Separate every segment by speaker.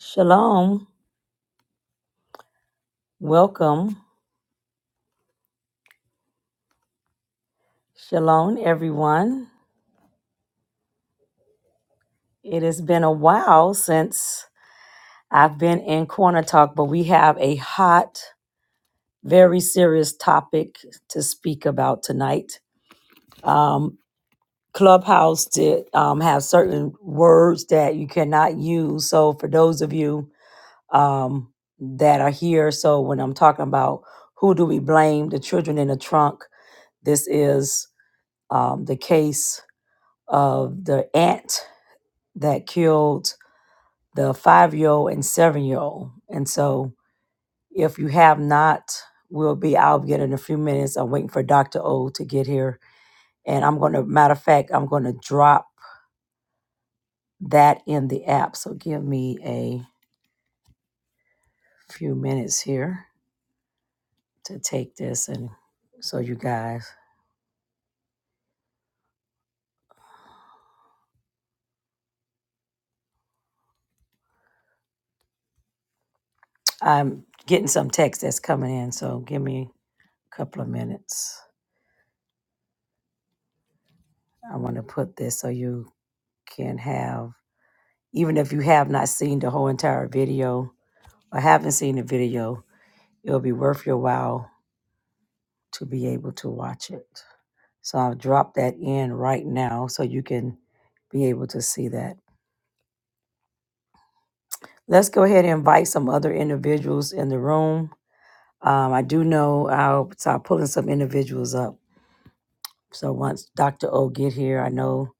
Speaker 1: Shalom. Welcome. Shalom, everyone. It has been a while since I've been in Corner Talk, but we have a hot, very serious topic to speak about tonight. Um, Clubhouse did um, have certain words that you cannot use. So, for those of you um, that are here, so when I'm talking about who do we blame, the children in the trunk, this is um, the case of the aunt that killed the five year old and seven year old. And so, if you have not, we'll be I'll yet in a few minutes. I'm waiting for Dr. O to get here. And I'm going to, matter of fact, I'm going to drop that in the app. So, give me a few minutes here to take this. And so, you guys, I'm getting some text that's coming in. So, give me a couple of minutes. I want to put this so you can have, even if you have not seen the whole entire video or haven't seen the video, it'll be worth your while to be able to watch it. So I'll drop that in right now so you can be able to see that. Let's go ahead and invite some other individuals in the room. Um, I do know I'll start pulling some individuals up. So once Dr. O get here, I know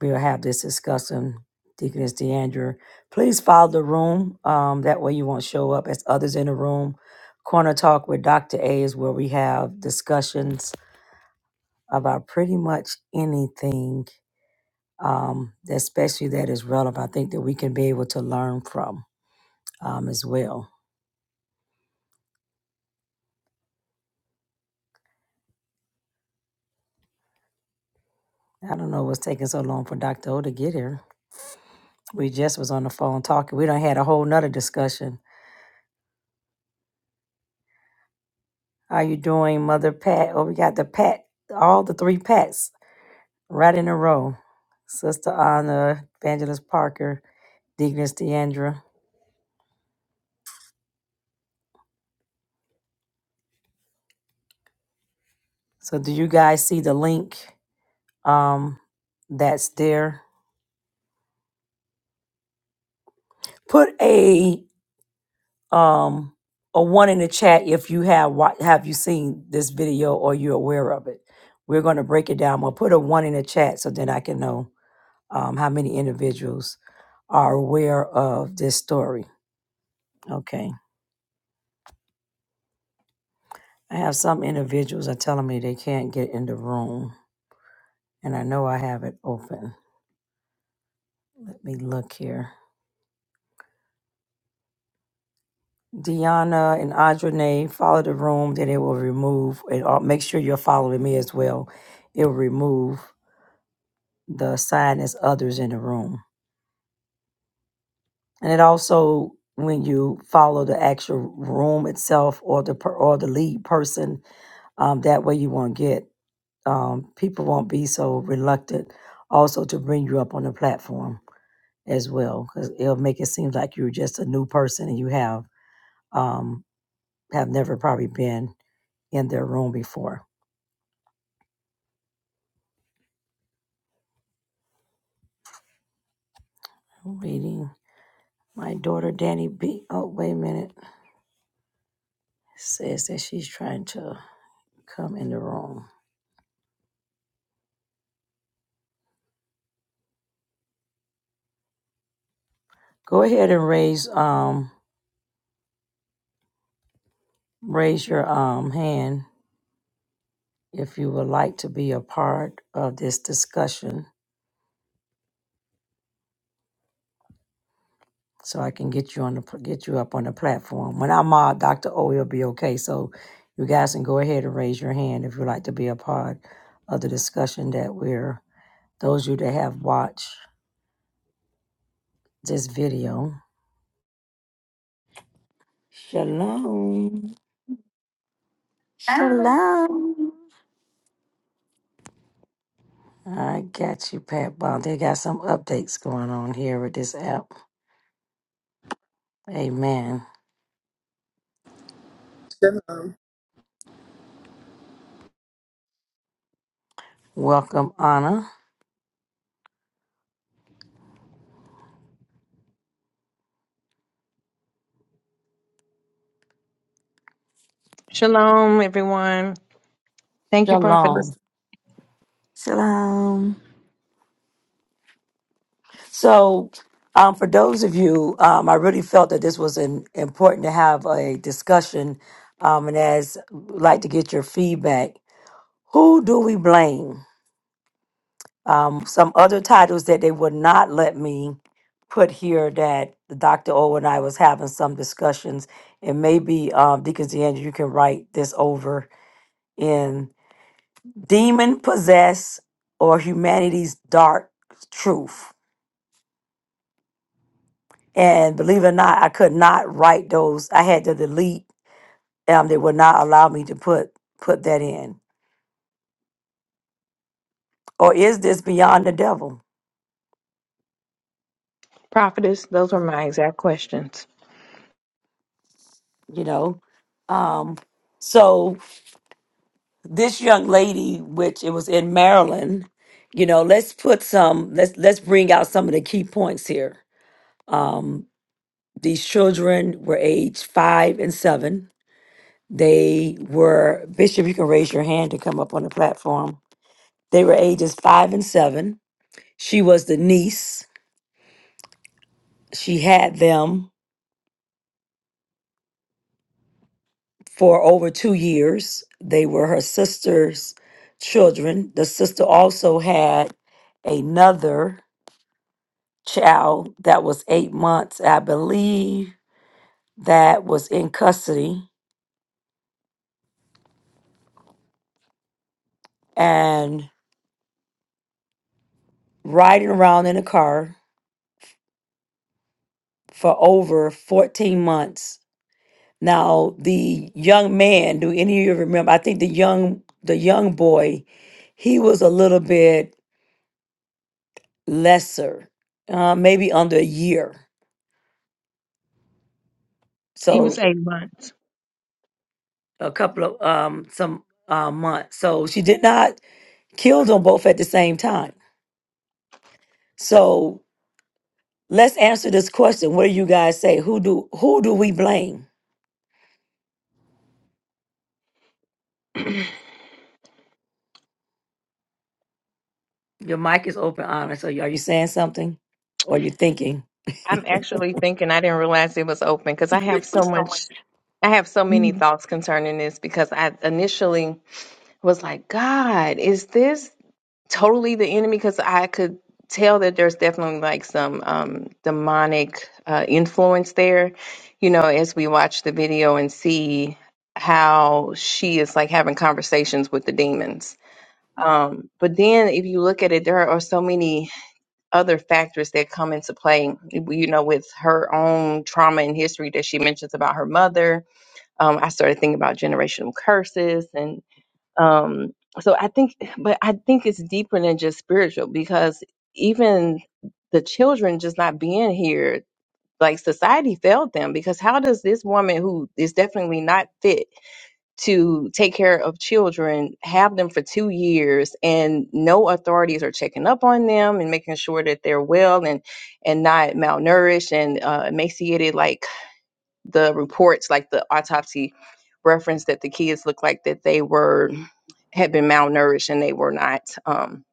Speaker 1: we'll have this discussion. Deaconess Deandra, please follow the room. Um, that way you won't show up as others in the room. Corner Talk with Dr. A is where we have discussions about pretty much anything, um, especially that is relevant. I think that we can be able to learn from um, as well. I don't know what's taking so long for Dr. O to get here. We just was on the phone talking. We done had a whole nother discussion. How you doing, Mother Pat? Oh, we got the Pat, all the three Pats right in a row. Sister Anna, Evangelist Parker, Deaconess Deandra. So do you guys see the link um, that's there? Put a um, or one in the chat if you have wa- have you seen this video or you're aware of it. We're going to break it down. We'll put a one in the chat so then I can know um, how many individuals are aware of this story. Okay, I have some individuals are telling me they can't get in the room, and I know I have it open. Let me look here. Deanna and Audrey follow the room, then it will remove. And uh, make sure you're following me as well. It will remove the sign as others in the room. And it also, when you follow the actual room itself or the per, or the lead person, um, that way you won't get um, people won't be so reluctant also to bring you up on the platform as well because it'll make it seem like you're just a new person and you have um, have never probably been in their room before. I'm reading my daughter Danny B. Oh wait a minute says that she's trying to come in the room. Go ahead and raise um raise your um hand if you would like to be a part of this discussion so I can get you on the get you up on the platform. When I'm on, Dr. O will be okay. So you guys can go ahead and raise your hand if you'd like to be a part of the discussion that we're those of you that have watched this video. Shalom. Shalom.
Speaker 2: Shalom.
Speaker 1: I got you, Pat Bond. They got some updates going on here with this app. Amen.
Speaker 3: Shalom.
Speaker 1: Welcome, Anna.
Speaker 4: Shalom, everyone. Thank you, Prophetess.
Speaker 1: Shalom.
Speaker 2: Shalom.
Speaker 1: So, um, for those of you, um, I really felt that this was an, important to have a discussion, um, and as would like to get your feedback. Who do we blame? Um, some other titles that they would not let me put here that Dr. O and I was having some discussions, and maybe um, Deacon DeAndre, you can write this over in demon possessed or humanity's dark truth And believe it or not, I could not write those. I had to delete. Um, they would not allow me to put put that in. Or is this beyond the devil?
Speaker 4: Prophetess, those were my exact questions.
Speaker 1: You know. Um, so this young lady, which it was in Maryland, you know, let's put some. Let's let's bring out some of the key points here. Um, these children were aged five and seven. They were Bishop. You can raise your hand to come up on the platform. They were ages five and seven She was the niece. She had them for over two years. They were her sister's children. The sister also had another child that was eight months, I believe, that was in custody and riding around in a car for over 14 months. Now, the young man, do any of you remember? I think the young the young boy, he was a little bit lesser, uh, maybe under a year.
Speaker 4: He was
Speaker 1: So
Speaker 4: eight months.
Speaker 1: a couple of um, some uh, months. So she did not kill them both at the same time. So let's answer this question. What do you guys say? Who do who do we blame? Your mic is open, honest. So you, are you saying something, or are you thinking?
Speaker 4: I'm actually thinking I didn't realize it was open because I have so much, I have so many
Speaker 2: Mhm.
Speaker 4: thoughts concerning this because I initially was like, God, is this? totally the enemy because I could tell that there's definitely like some um, demonic uh, influence there, you know, as we watch the video and see how she is like having conversations with the demons. Um, but then if you look at it, there are so many other factors that come into play, you know, with her own trauma and history that she mentions about her mother. Um, I started thinking about generational curses and um so i think but i think it's deeper than just spiritual because even the children just not being here like society failed them because how does this woman who is definitely not fit to take care of children have them for two years and no authorities are checking up on them and making sure that they're well and and not malnourished and uh, emaciated Like, the reports, like the autopsy reference that the kids looked like that they were had been malnourished and they were not um,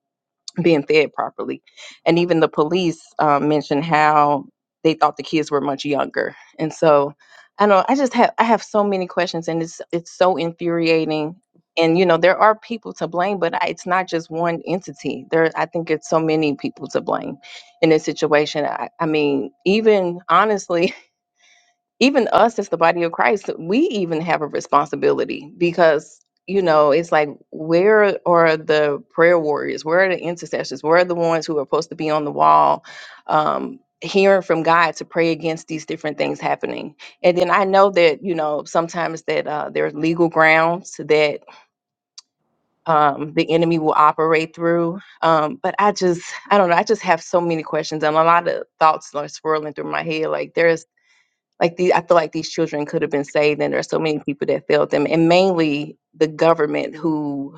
Speaker 4: being fed properly. And even the police um, mentioned how they thought the kids were much younger. And so I know I just have I have so many questions and it's it's so infuriating. And you know there are people to blame, but I, it's not just one entity. There, I think it's so many people to blame in this situation. I, I mean, even honestly, even us as the body of Christ, we even have a responsibility because, you know, it's like, where are the prayer warriors? Where are the intercessors? Where are the ones who are supposed to be on the wall? Um, hearing from God to pray against these different things happening. And then I know that, you know, sometimes that uh, there's legal grounds that um, the enemy will operate through. Um, but I just, I don't know. I just have so many questions and a lot of thoughts are swirling through my head. Like there's like the I feel like these children could have been saved, and there are so many people that failed them, and mainly the government who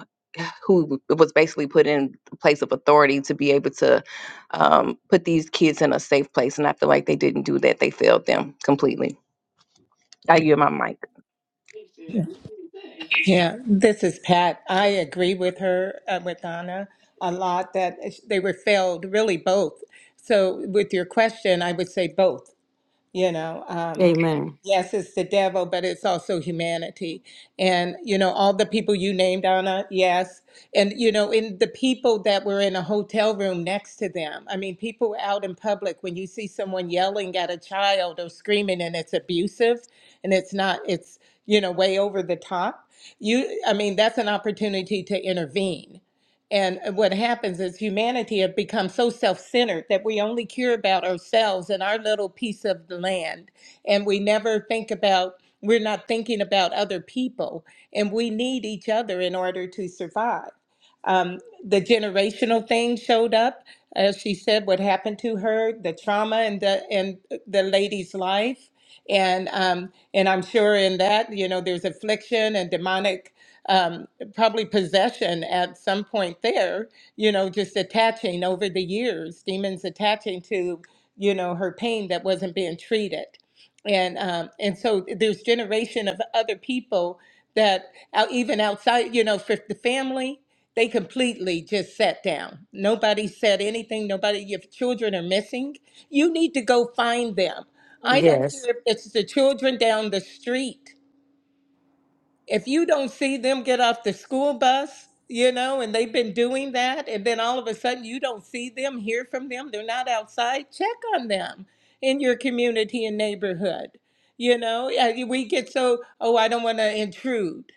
Speaker 4: who was basically put in a place of authority to be able to um, put these kids in a safe place, and I feel like they didn't do that; they failed them completely. I yield my mic.
Speaker 3: Yeah, this is Pat. I agree with her, uh, with Donna, a lot that uh, they were failed, really both. So, with your question, I would say both. you know um
Speaker 1: Amen.
Speaker 3: yes it's the devil but it's also humanity and you know all the people you named anna yes and you know in the people that were in a hotel room next to them i mean people out in public when you see someone yelling at a child or screaming and it's abusive and it's not it's you know way over the top you i mean that's an opportunity to intervene and uh, what happens is humanity have become so self-centered that we only care about ourselves and our little piece of the land. And we never think about, we're not thinking about other people. And we need each other in order to survive. Um, the generational thing showed up, as she said, what happened to her, the trauma in the in the lady's life. And um, and I'm sure in that, you know, there's affliction and demonic um, probably possession at some point there, you know, just attaching over the years, demons attaching to, you know, her pain that wasn't being treated. And um, and so there's generation of other people that out, even outside, you know, for the family, they completely just sat down. Nobody said anything. Nobody, your children are missing. You need to go find them. I don't
Speaker 1: Yes.
Speaker 3: care if it's the children down the street if you don't see them get off the school bus, you know, and they've been doing that, and then all of a sudden you don't see them, hear from them, they're not outside, check on them in your community and neighborhood. You know, Uh, we get so, oh, I don't want to intrude,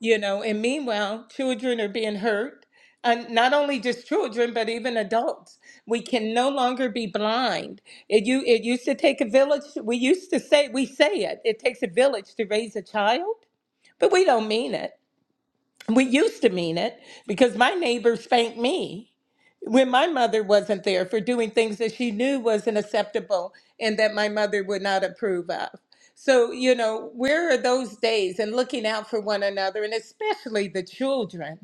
Speaker 3: you know, and meanwhile, children are being hurt. And not only just children, but even adults. We can no longer be blind. It, you, it used to take a village. We used to say, we say it, it takes a village to raise a child but we don't mean it. We used to mean it because my neighbor spanked me when my mother wasn't there for doing things that she knew wasn't acceptable and that my mother would not approve of. So, you know, where are those days and looking out for one another and especially the children?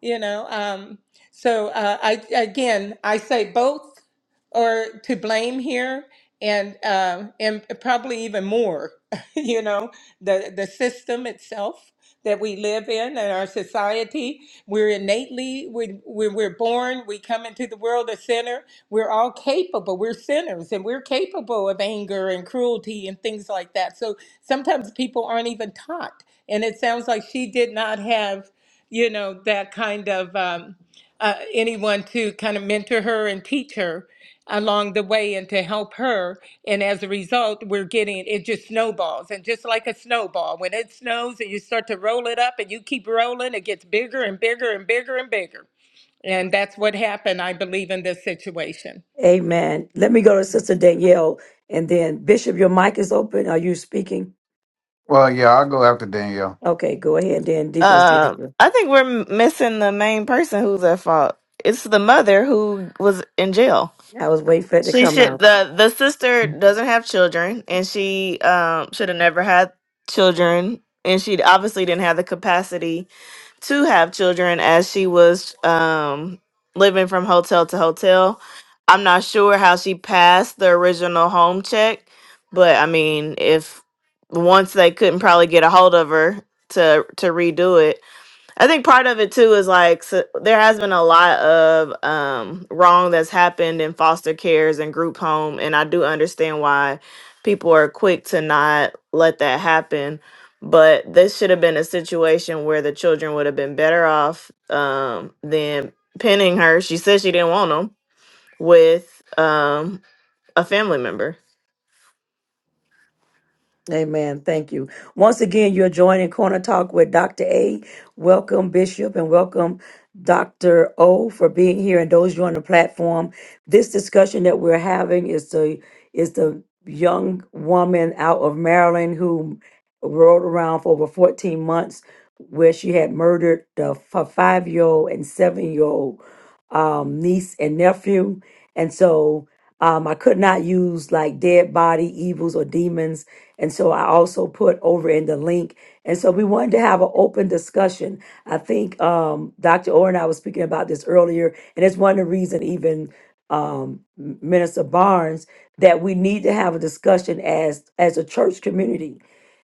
Speaker 3: you know um so uh i again i say both are to blame here and um and probably even more you know the the system itself that we live in and our society we're innately we, we we're born we come into the world a sinner we're all capable we're sinners and we're capable of anger and cruelty and things like that so sometimes people aren't even taught and it sounds like she did not have you know, that kind of um, uh, anyone to kind of mentor her and teach her along the way and to help her. And as a result, we're getting it just snowballs. And just like a snowball, when it snows and you start to roll it up and you keep rolling, it gets bigger and bigger and bigger and bigger. And that's what happened, I believe, in this situation.
Speaker 1: Amen. Let me go to Sister Danielle, and then Bishop. Your mic is open. Are you speaking?
Speaker 5: Well, yeah, I'll go after Danielle.
Speaker 1: Okay, go ahead. Then
Speaker 6: Um,
Speaker 1: Deaconess.
Speaker 6: I think we're m- missing the main person who's at fault. It's the mother who was in jail.
Speaker 1: I was waiting for it to
Speaker 6: She
Speaker 1: come
Speaker 6: should
Speaker 1: out.
Speaker 6: the the sister doesn't have children, and she um should have never had children, and she obviously didn't have the capacity to have children as she was um living from hotel to hotel. I'm not sure how she passed the original home check, but I mean, if once they couldn't probably get a hold of her to to redo it, I think part of it too is like so there has been a lot of um, wrong that's happened in foster cares and group home, and I do understand why people are quick to not let that happen. But this should have been a situation where the children would have been better off um, than pinning her. She said she didn't want them with um, a family member.
Speaker 1: Amen. Thank you. Once again, you're joining Corner Talk with Dr. A. Welcome, Bishop, and welcome, Dr. O, for being here and those joining the platform. This discussion that we're having is the is the young woman out of Maryland who rode around for over 14 months where she had murdered the five year old and seven year old um, niece and nephew. And so um, I could not use like dead body, evils, or demons. And so I also put over in the link. And so we wanted to have an open discussion. I think um, Dr. Orr and I was speaking about this earlier. And it's one of the reason even um, Minister Barnes, that we need to have a discussion as as a church community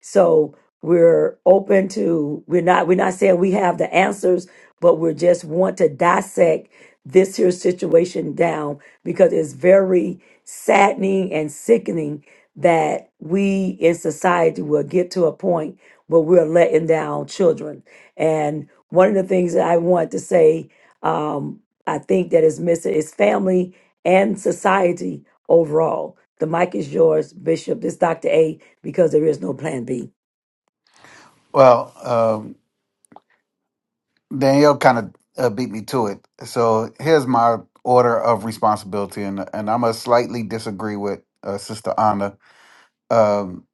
Speaker 1: so we're open to we're not we're not saying we have the answers, but we are just want to dissect this here situation down because it's very saddening and sickening that we in society will get to a point where we're letting down children. And one of the things that I want to say, um, I think that is missing is family and society overall. The mic is yours, Bishop. This is Dr. A because there is no plan B.
Speaker 5: Well, um, Danielle kind of uh, beat me to it. So here's my order of responsibility, and and I'm gonna slightly disagree with uh, Sister Anna. Um,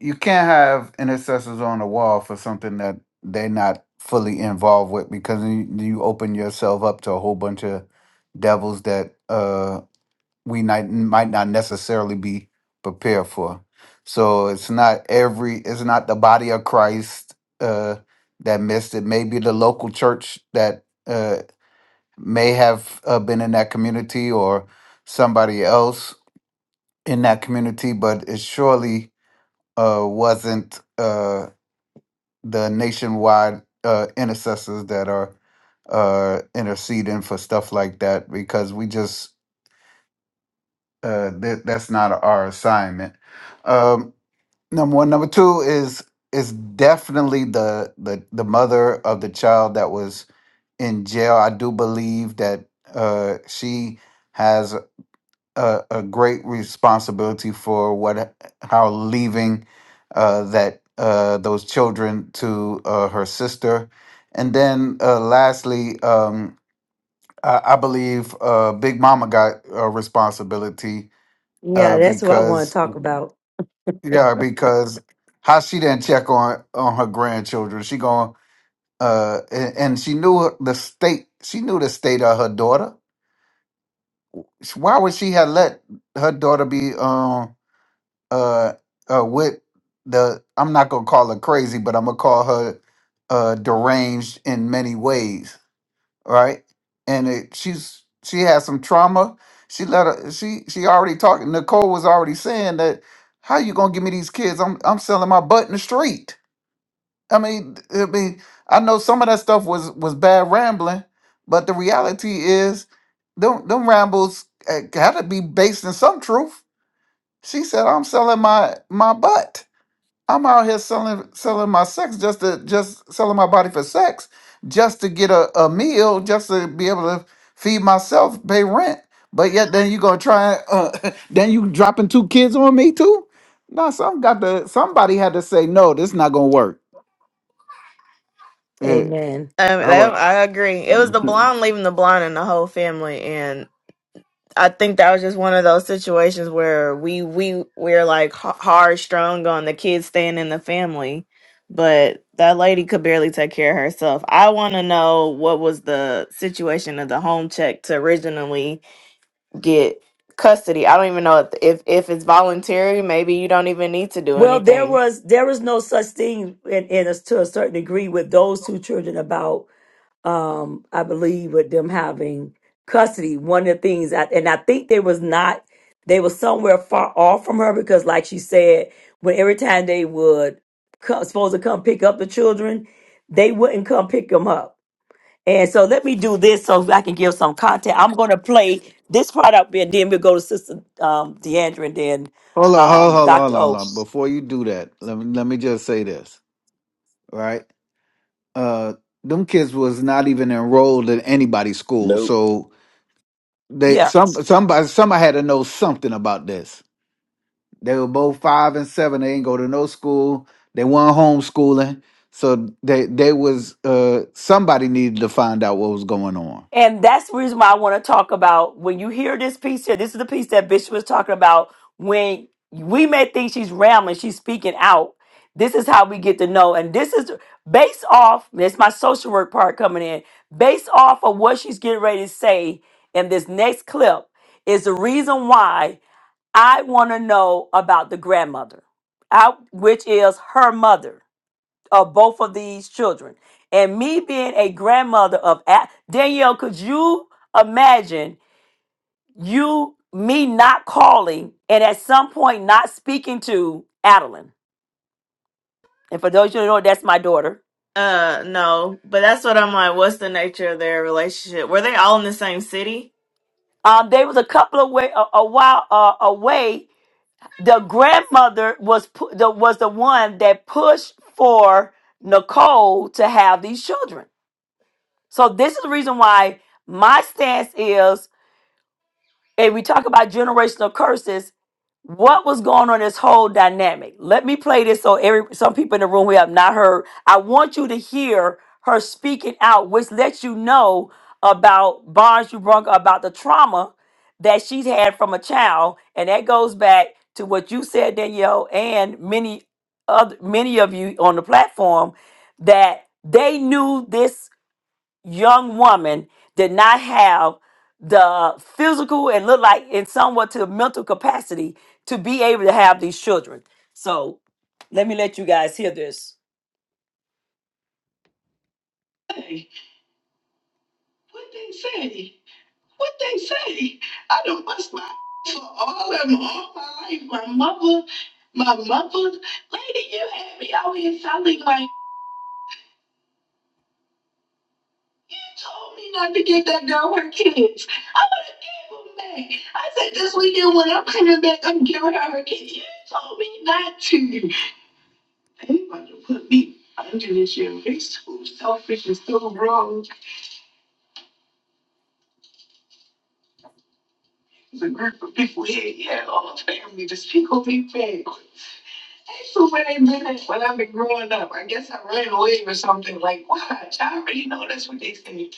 Speaker 5: you can't have intercessors on the wall for something that they're not fully involved with, because you, you open yourself up to a whole bunch of devils that uh, we might might not necessarily be prepared for. So it's not every it's not the body of Christ uh, that missed it. Maybe the local church that uh, may have uh, been in that community or somebody else in that community, but it surely uh, wasn't uh, the nationwide uh, intercessors that are uh interceding for stuff like that because we just uh, that that's not our assignment. Um, number one, number two is is definitely the the the mother of the child that was in jail. I do believe that uh, she has a, a great responsibility for what how leaving uh, that uh, those children to uh, her sister, and then uh, lastly. Um, I I believe uh, Big Mama got a responsibility
Speaker 1: Yeah,
Speaker 5: uh
Speaker 1: that's what I want
Speaker 5: because.
Speaker 1: to talk about.
Speaker 5: Yeah, because how she didn't check on on her grandchildren. She going uh and, and she knew her- the state she knew the state of her daughter. Why would she have let her daughter be um uh uh with the I'm not gonna call her crazy, but I'm gonna call her uh deranged in many ways, right? And it, she's she has some trauma. She let her she she already talking Nicole was already saying that how you gonna give me these kids? I'm I'm selling my butt in the street I mean, I mean, I know some of that stuff was was bad rambling, but the reality is, them them rambles uh, gotta be based in some truth. She said, "I'm selling my my butt. I'm out here selling selling my sex just to just selling my body for sex, just to get a, a meal, just to be able to feed myself, pay rent. But yet, then you gonna try, uh, then you dropping two kids on me too? No, some got to somebody had to say no. This not gonna work. Yeah,
Speaker 1: Amen.
Speaker 6: Um,
Speaker 5: all right.
Speaker 6: that, I agree. It
Speaker 5: Hold
Speaker 6: was the
Speaker 5: on,
Speaker 6: blonde leaving the blonde and the whole family, I think that was just one of those situations where we we we're like h- hard strung on the kids staying in the family, but that lady could barely take care of herself. I want to know what was the situation of the home check to originally get custody. I don't even know if if, if it's voluntary. Maybe you don't even need to do
Speaker 1: Well, there
Speaker 6: anything.
Speaker 1: was there is no such thing in, in us to a certain degree with those two children about um I believe with them having custody. One of the things I, and I think they was not they was somewhere far off from her because like she said, when every time they would come, supposed to come pick up the children, they wouldn't come pick them up And so let me do this so I can give some content. I'm going to play this part up and then we'll go to Sister um, Deandra and then
Speaker 5: hold on,
Speaker 1: um,
Speaker 5: hold on, hold on.
Speaker 1: Dr. O.
Speaker 5: Before you do that, let me let me just say this, right? Uh, them kids was not even enrolled in anybody's school,
Speaker 7: Nope.
Speaker 5: so they
Speaker 1: Yeah.
Speaker 5: some somebody somebody had to know something about this. They were both five and seven. They ain't go to no school. They weren't homeschooling, so they they was uh somebody needed to find out what was going on.
Speaker 1: And that's the reason why I want to talk about when you hear this piece here, this is the piece that Bishop was talking about. When we may think she's rambling, she's speaking out. This is how we get to know. And this is based off, that's my social work part coming in, based off of what she's getting ready to say in this next clip is the reason why I want to know about the grandmother, I, which is her mother of both of these children. And me being a grandmother of A- Danielle, could you imagine you me not calling and at some point not speaking to Adeline? And for those who don't know, that's my daughter.
Speaker 6: Uh, no, but that's what I'm like. What's the nature of their relationship? Were they all in the same city?
Speaker 1: Um, they was a couple of way a, a while uh, away. The grandmother was pu- the was the one that pushed for Nicole to have these children So this is the reason why my stance is, and we talk about generational curses. What was going on in this whole dynamic? Let me play this so every some people in the room who have not heard. I want you to hear her speaking out, which lets you know about Barnes you brung about the trauma that she's had from a child, and that goes back to what you said, Danielle, and many other many of you on the platform that they knew this young woman did not have the physical and look like and somewhat to mental capacity to be able to have these children. So let me let you guys hear this. Hey, what they say? What they say? I don't bust my ass for all of them, all my life. My mother, my mother, lady, you had me out here sounding like. You told me not to give that girl her kids. I would have gave them back. I said this weekend when I'm coming back, I'm giving her her kids. You told me not to. Anybody who put me under this year is so selfish and so wrong. There's a group of people here, yeah, all family, just people me back. So when I been at, when I've been growing up, I guess I ran away or something. Like, watch, I already know that's what they say.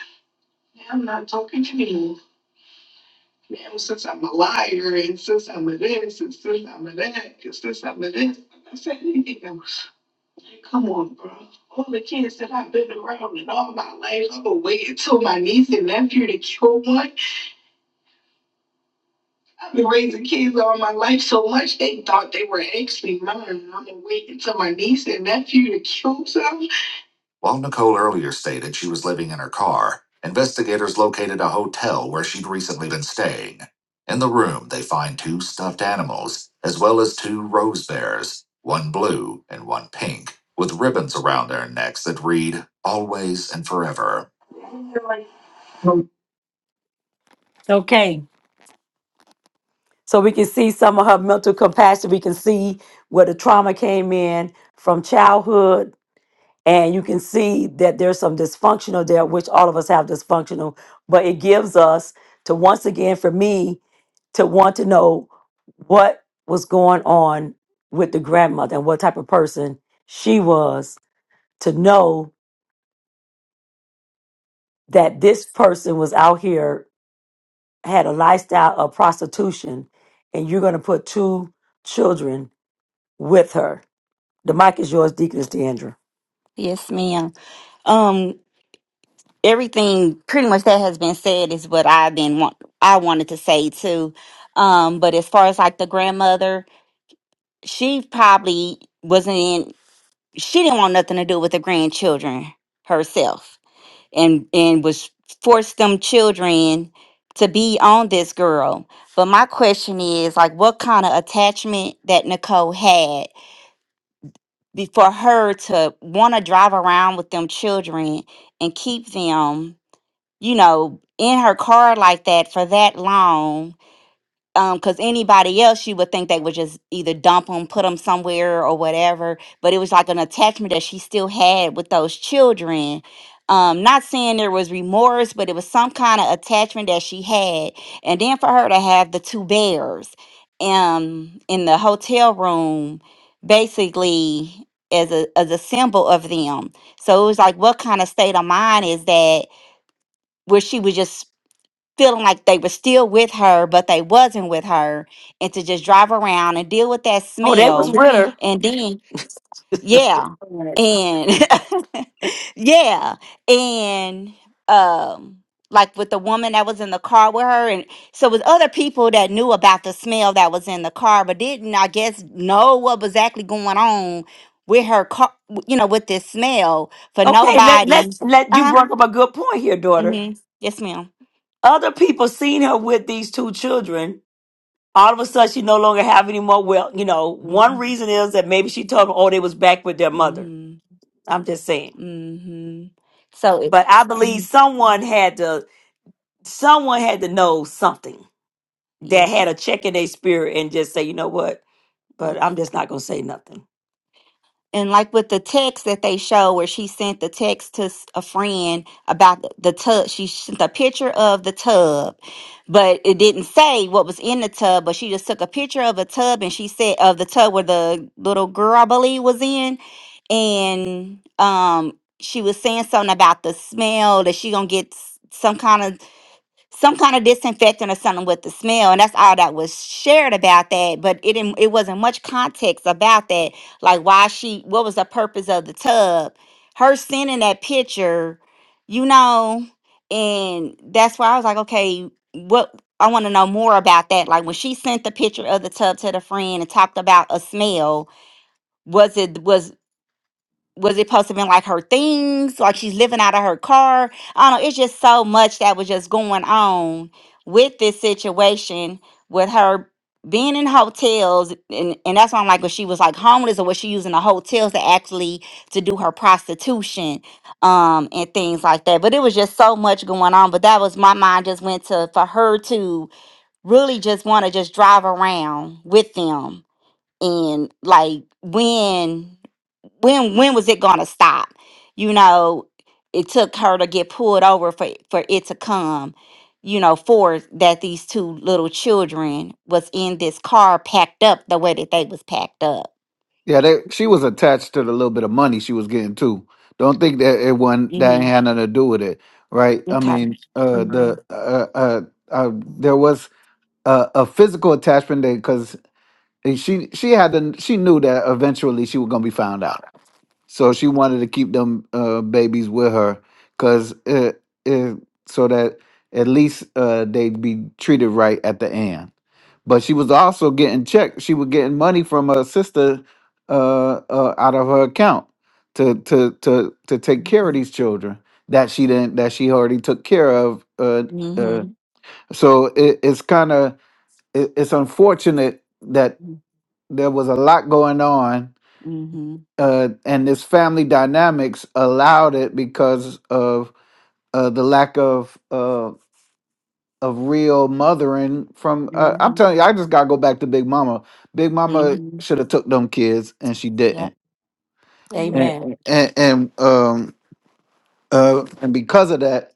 Speaker 1: Now I'm not talking to me. you since I'm a liar and since I'm a this and since I'm a that and since I'm a this. I said, nigga, come on, bro. All the kids that I've been around and all my life, I've been waiting till my niece and nephew to kill one. I've been raising kids all my life so much they thought they were actually mine. I'm gonna wait until my niece and nephew to kill some. While Nicole earlier stated she was living in her car, investigators located a hotel where she'd recently been staying. In the room, they find two stuffed animals, as well as two rose bears, one blue and one pink, with ribbons around their necks that read, Always and Forever. Okay. So we can see some of her mental compassion. We can see where the trauma came in from childhood and you can see that there's some dysfunctional there which all of us have dysfunctional but it gives us to once again for me to want to know what was going on with the grandmother and what type of person she was to know that this person was out here had a lifestyle of prostitution and you're going to put two children with her the mic is yours deaconess deandra
Speaker 2: Yes, ma'am. Um, everything pretty much that has been said is what I then want I wanted to say too. Um, but as far as like the grandmother, she probably wasn't in she didn't want nothing to do with the grandchildren herself and and was forced them children to be on this girl. But my question is like what kind of attachment that Nicole had be- for her to want to drive around with them children and keep them, you know, in her car like that for that long um because anybody else you would think they would just either dump them put them somewhere or whatever but it was like an attachment that she still had with those children um not saying there was remorse but it was some kind of attachment that she had and then for her to have the two bears um in the hotel room basically as a as a symbol of them so it was like what kind of state of mind is that where she was just feeling like they were still with her, but they wasn't with her, and to just drive around and deal with that
Speaker 1: oh they was
Speaker 2: smell,
Speaker 1: with
Speaker 2: and then yeah,
Speaker 1: her
Speaker 2: and yeah, and um, like with the woman that was in the car with her, and so with other people that knew about the smell that was in the car, but didn't I guess know what was actually going on with her car, you know, with this smell for
Speaker 1: Okay, let
Speaker 2: nobody.
Speaker 1: let's let
Speaker 2: Uh
Speaker 1: you
Speaker 2: huh.
Speaker 1: brought up a good point here, daughter.
Speaker 2: Mm-hmm. Yes, madam
Speaker 1: Other people seen her with these two children. All of a sudden, she no longer have any more. Well, you know, one
Speaker 2: mm
Speaker 1: reason is that maybe she told them, "Oh, they was back with their mother."
Speaker 2: hmm.
Speaker 1: I'm just saying,
Speaker 2: hmm So it,
Speaker 1: but I believe
Speaker 2: mhm,
Speaker 1: someone had to someone had to know something that
Speaker 2: yeah.
Speaker 1: had a check in their spirit and just say, "You know what? but I'm just not gonna say nothing.
Speaker 2: And like with the text that they show where she sent the text to s- a friend about the the tub, she sent a picture of the tub, but it didn't say what was in the tub, but she just took a picture of a tub and she said of the tub where the little girl, I believe, was in. And um she was saying something about the smell that she gonna get s- some kind of some kind of disinfectant or something with the smell and that's all that was shared about that but it didn't it wasn't much context about that like why she what was the purpose of the tub her sending that picture you know and that's why i was like okay what i want to know more about that like when she sent the picture of the tub to the friend and talked about a smell was it was was it supposed to been like her things like she's living out of her car i don't know it's just so much that was just going on with this situation with her being in hotels and, and that's why i'm like was she was like homeless or was she using the hotels to actually to do her prostitution um and things like that but it was just so much going on but that was my mind just went to for her to really just want to just drive around with them and like when when when was it gonna stop you know it took her to get pulled over for for it to come you know for that these two little children was in this car packed up the way that they was packed up
Speaker 5: Yeah, they, she was attached to the little bit of money she was getting too. Don't think that it wasn't that ain't
Speaker 2: hmm
Speaker 5: had nothing to do with it, right? I
Speaker 2: okay
Speaker 5: mean, uh,
Speaker 2: mm-hmm.
Speaker 5: the uh, uh, uh there was a, a physical attachment there because she she had to, she knew that eventually she was gonna be found out. So she wanted to keep them uh, babies with her, cause it, it, so that at least uh, they'd be treated right at the end. But she was also getting checked. She was getting money from her sister uh, uh, out of her account to to to to take care of these children that she didn't that she already took care of. Uh, uh,
Speaker 2: Mm-hmm.
Speaker 5: so it, it's kind of it, it's unfortunate that there was a lot going on
Speaker 2: Mm-hmm.
Speaker 5: uh, and his family dynamics allowed it because of uh, the lack of uh, of real mothering from. Uh, I'm
Speaker 2: Mm-hmm.
Speaker 5: telling you, I just gotta go back to Big Mama. Big Mama
Speaker 2: Mm-hmm.
Speaker 5: should have took them kids, and she
Speaker 2: Yep.
Speaker 5: didn't.
Speaker 2: Yep.
Speaker 1: Amen.
Speaker 5: And and, and um uh and because of that.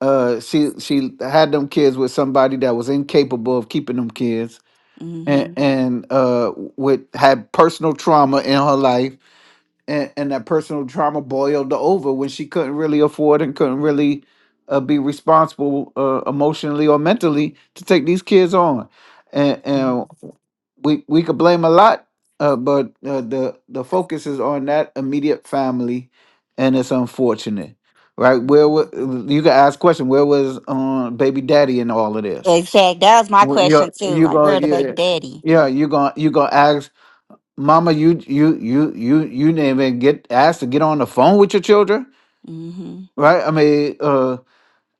Speaker 5: Uh, she she had them kids with somebody that was incapable of keeping them kids, and
Speaker 2: Mm-hmm.
Speaker 5: and uh, with had personal trauma in her life, and, and that personal trauma boiled over when she couldn't really afford and couldn't really uh, be responsible uh, emotionally or mentally to take these kids on. And, and we we could blame a lot, uh, but uh, the the focus is on that immediate family, and it's unfortunate, right? Where wa- you can ask question, where was um, baby daddy in all of this?
Speaker 2: Exact. That was my
Speaker 5: Well,
Speaker 2: question
Speaker 5: You're
Speaker 2: too.
Speaker 5: you
Speaker 2: Like,
Speaker 5: gonna
Speaker 2: where the
Speaker 5: yeah
Speaker 2: baby daddy?
Speaker 5: yeah you gonna you gonna ask mama you you you you you didn't even get asked to get on the phone with your children
Speaker 2: Mm-hmm.
Speaker 5: right i mean uh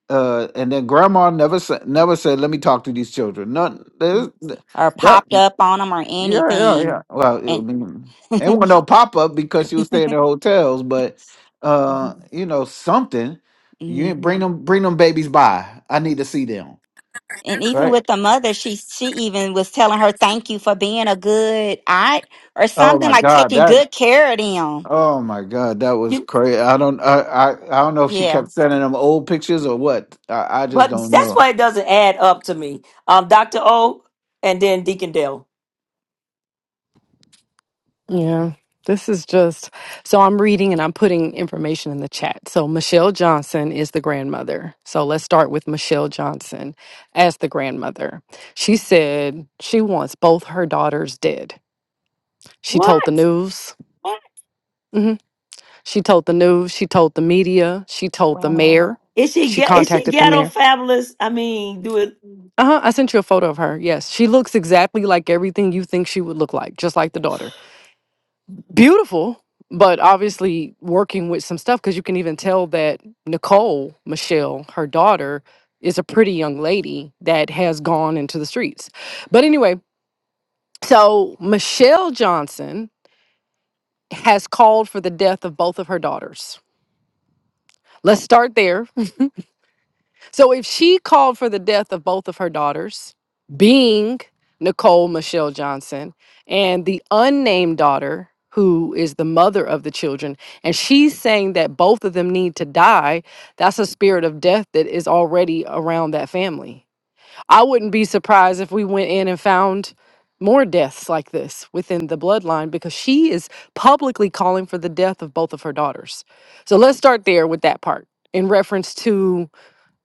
Speaker 5: uh and then grandma never said never said let me talk to these children None. there's-
Speaker 2: mm, or
Speaker 5: yeah
Speaker 2: popped up on them or
Speaker 5: yeah yeah
Speaker 2: anything.
Speaker 5: yeah well i
Speaker 2: And
Speaker 5: mean it wasn't no pop-up because she was staying in hotels but uh you know something you ain't bring
Speaker 2: Mhm.
Speaker 5: them bring them babies by i need to see them
Speaker 2: and even with
Speaker 5: right
Speaker 2: the mother, she she even was telling her thank you for being a good aunt or
Speaker 5: oh
Speaker 2: something
Speaker 5: my
Speaker 2: like taking
Speaker 5: god
Speaker 2: good care of them.
Speaker 5: Oh my God, that was
Speaker 1: You-
Speaker 5: crazy. I don't, I, I, I don't know if she
Speaker 2: Yeah.
Speaker 5: kept sending them old pictures or what. I, I just
Speaker 1: But
Speaker 5: don't
Speaker 1: that's
Speaker 5: know.
Speaker 1: why it doesn't add up to me. Um, Dr. O and then Deacon Dale.
Speaker 8: Yeah, this is just so I'm reading and I'm putting information in the chat. So, Michelle Johnson is the grandmother. So, let's start with Michelle Johnson as the grandmother. She said she wants both her daughters dead. She told the
Speaker 1: What?
Speaker 8: news. mhm, She told the news. She told the media. She told the
Speaker 2: Wow.
Speaker 8: mayor.
Speaker 1: Is she
Speaker 8: She
Speaker 1: ge- is she
Speaker 8: contacted the
Speaker 1: ghetto
Speaker 8: mayor.
Speaker 1: fabulous? I mean, do it
Speaker 8: Uh huh. I sent you a photo of her. Yes. She looks exactly like everything you think she would look like, just like the daughter. beautiful, but obviously working with some stuff because you can even tell that Nicole, Michelle, her daughter, is a pretty young lady that has gone into the streets. But anyway, so Michelle Johnson has called for the death of both of her daughters. Let's start there So if she called for the death of both of her daughters, being Nicole Michelle Johnson and the unnamed daughter, who is the mother of the children, and she's saying that both of them need to die, that's a spirit of death that is already around that family. I wouldn't be surprised if we went in and found more deaths like this within the bloodline because she is publicly calling for the death of both of her daughters. So let's start there with that part in reference to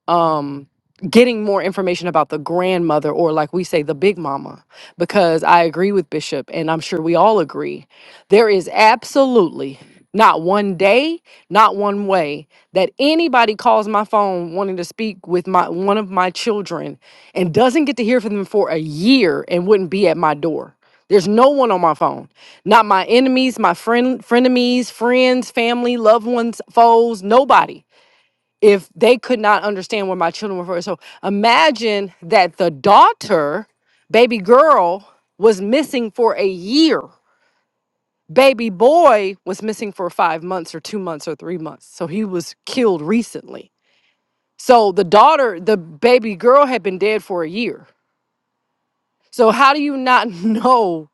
Speaker 8: um getting more information about the grandmother or like we say the big mama because i agree with bishop and i'm sure we all agree there is absolutely not one day not one way that anybody calls my phone wanting to speak with my one of my children and doesn't get to hear from them for a year and wouldn't be at my door there's no one on my phone not my enemies my friend frenemies friends family loved ones foes nobody if they could not understand where my children were from. So imagine that the daughter, baby girl, was missing for a year. Baby boy was missing for five months or two months or three months. So he was killed recently. So the daughter, the baby girl had been dead for a year. So how do you not know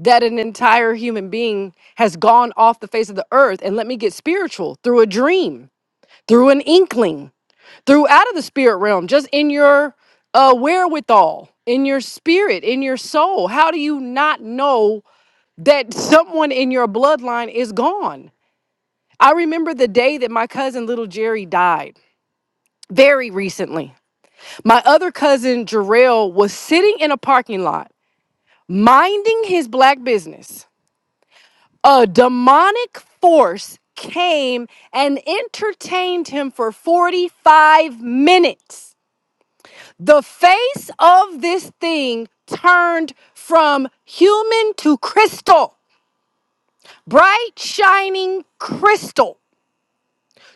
Speaker 8: that an entire human being has gone off the face of the earth? And let me get spiritual through a dream, through an inkling. through out of the spirit realm, just in your uh, wherewithal, in your spirit, in your soul. How do you not know that someone in your bloodline is gone? I remember the day that my cousin little Jerry died very recently. My other cousin Jarrell was sitting in a parking lot, minding his black business. A demonic force came and entertained him for 45 minutes. The face of this thing turned from human to crystal, bright, shining crystal,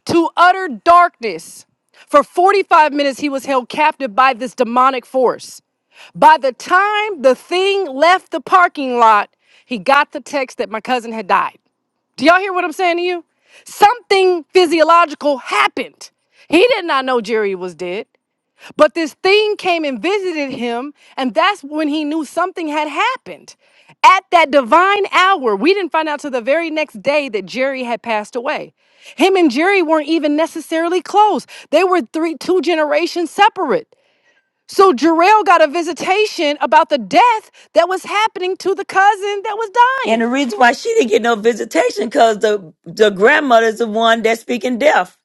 Speaker 8: to utter darkness. For 45 minutes, he was held captive by this demonic force. By the time the thing left the parking lot, he got the text that my cousin had died. Do y'all hear what I'm saying to you? Something physiological happened. He did not know Jerry was dead. But this thing came and visited him, and that's when he knew something had happened. At that divine hour, we didn't find out till the very next day that Jerry had passed away. Him and Jerry weren't even necessarily close. They were three, two generations separate. So Jarrell got a visitation about the death that was happening to the cousin that was
Speaker 1: and the
Speaker 8: dying.
Speaker 1: reason why she didn't get no visitation because the the grandmother's the one that's speaking deaf.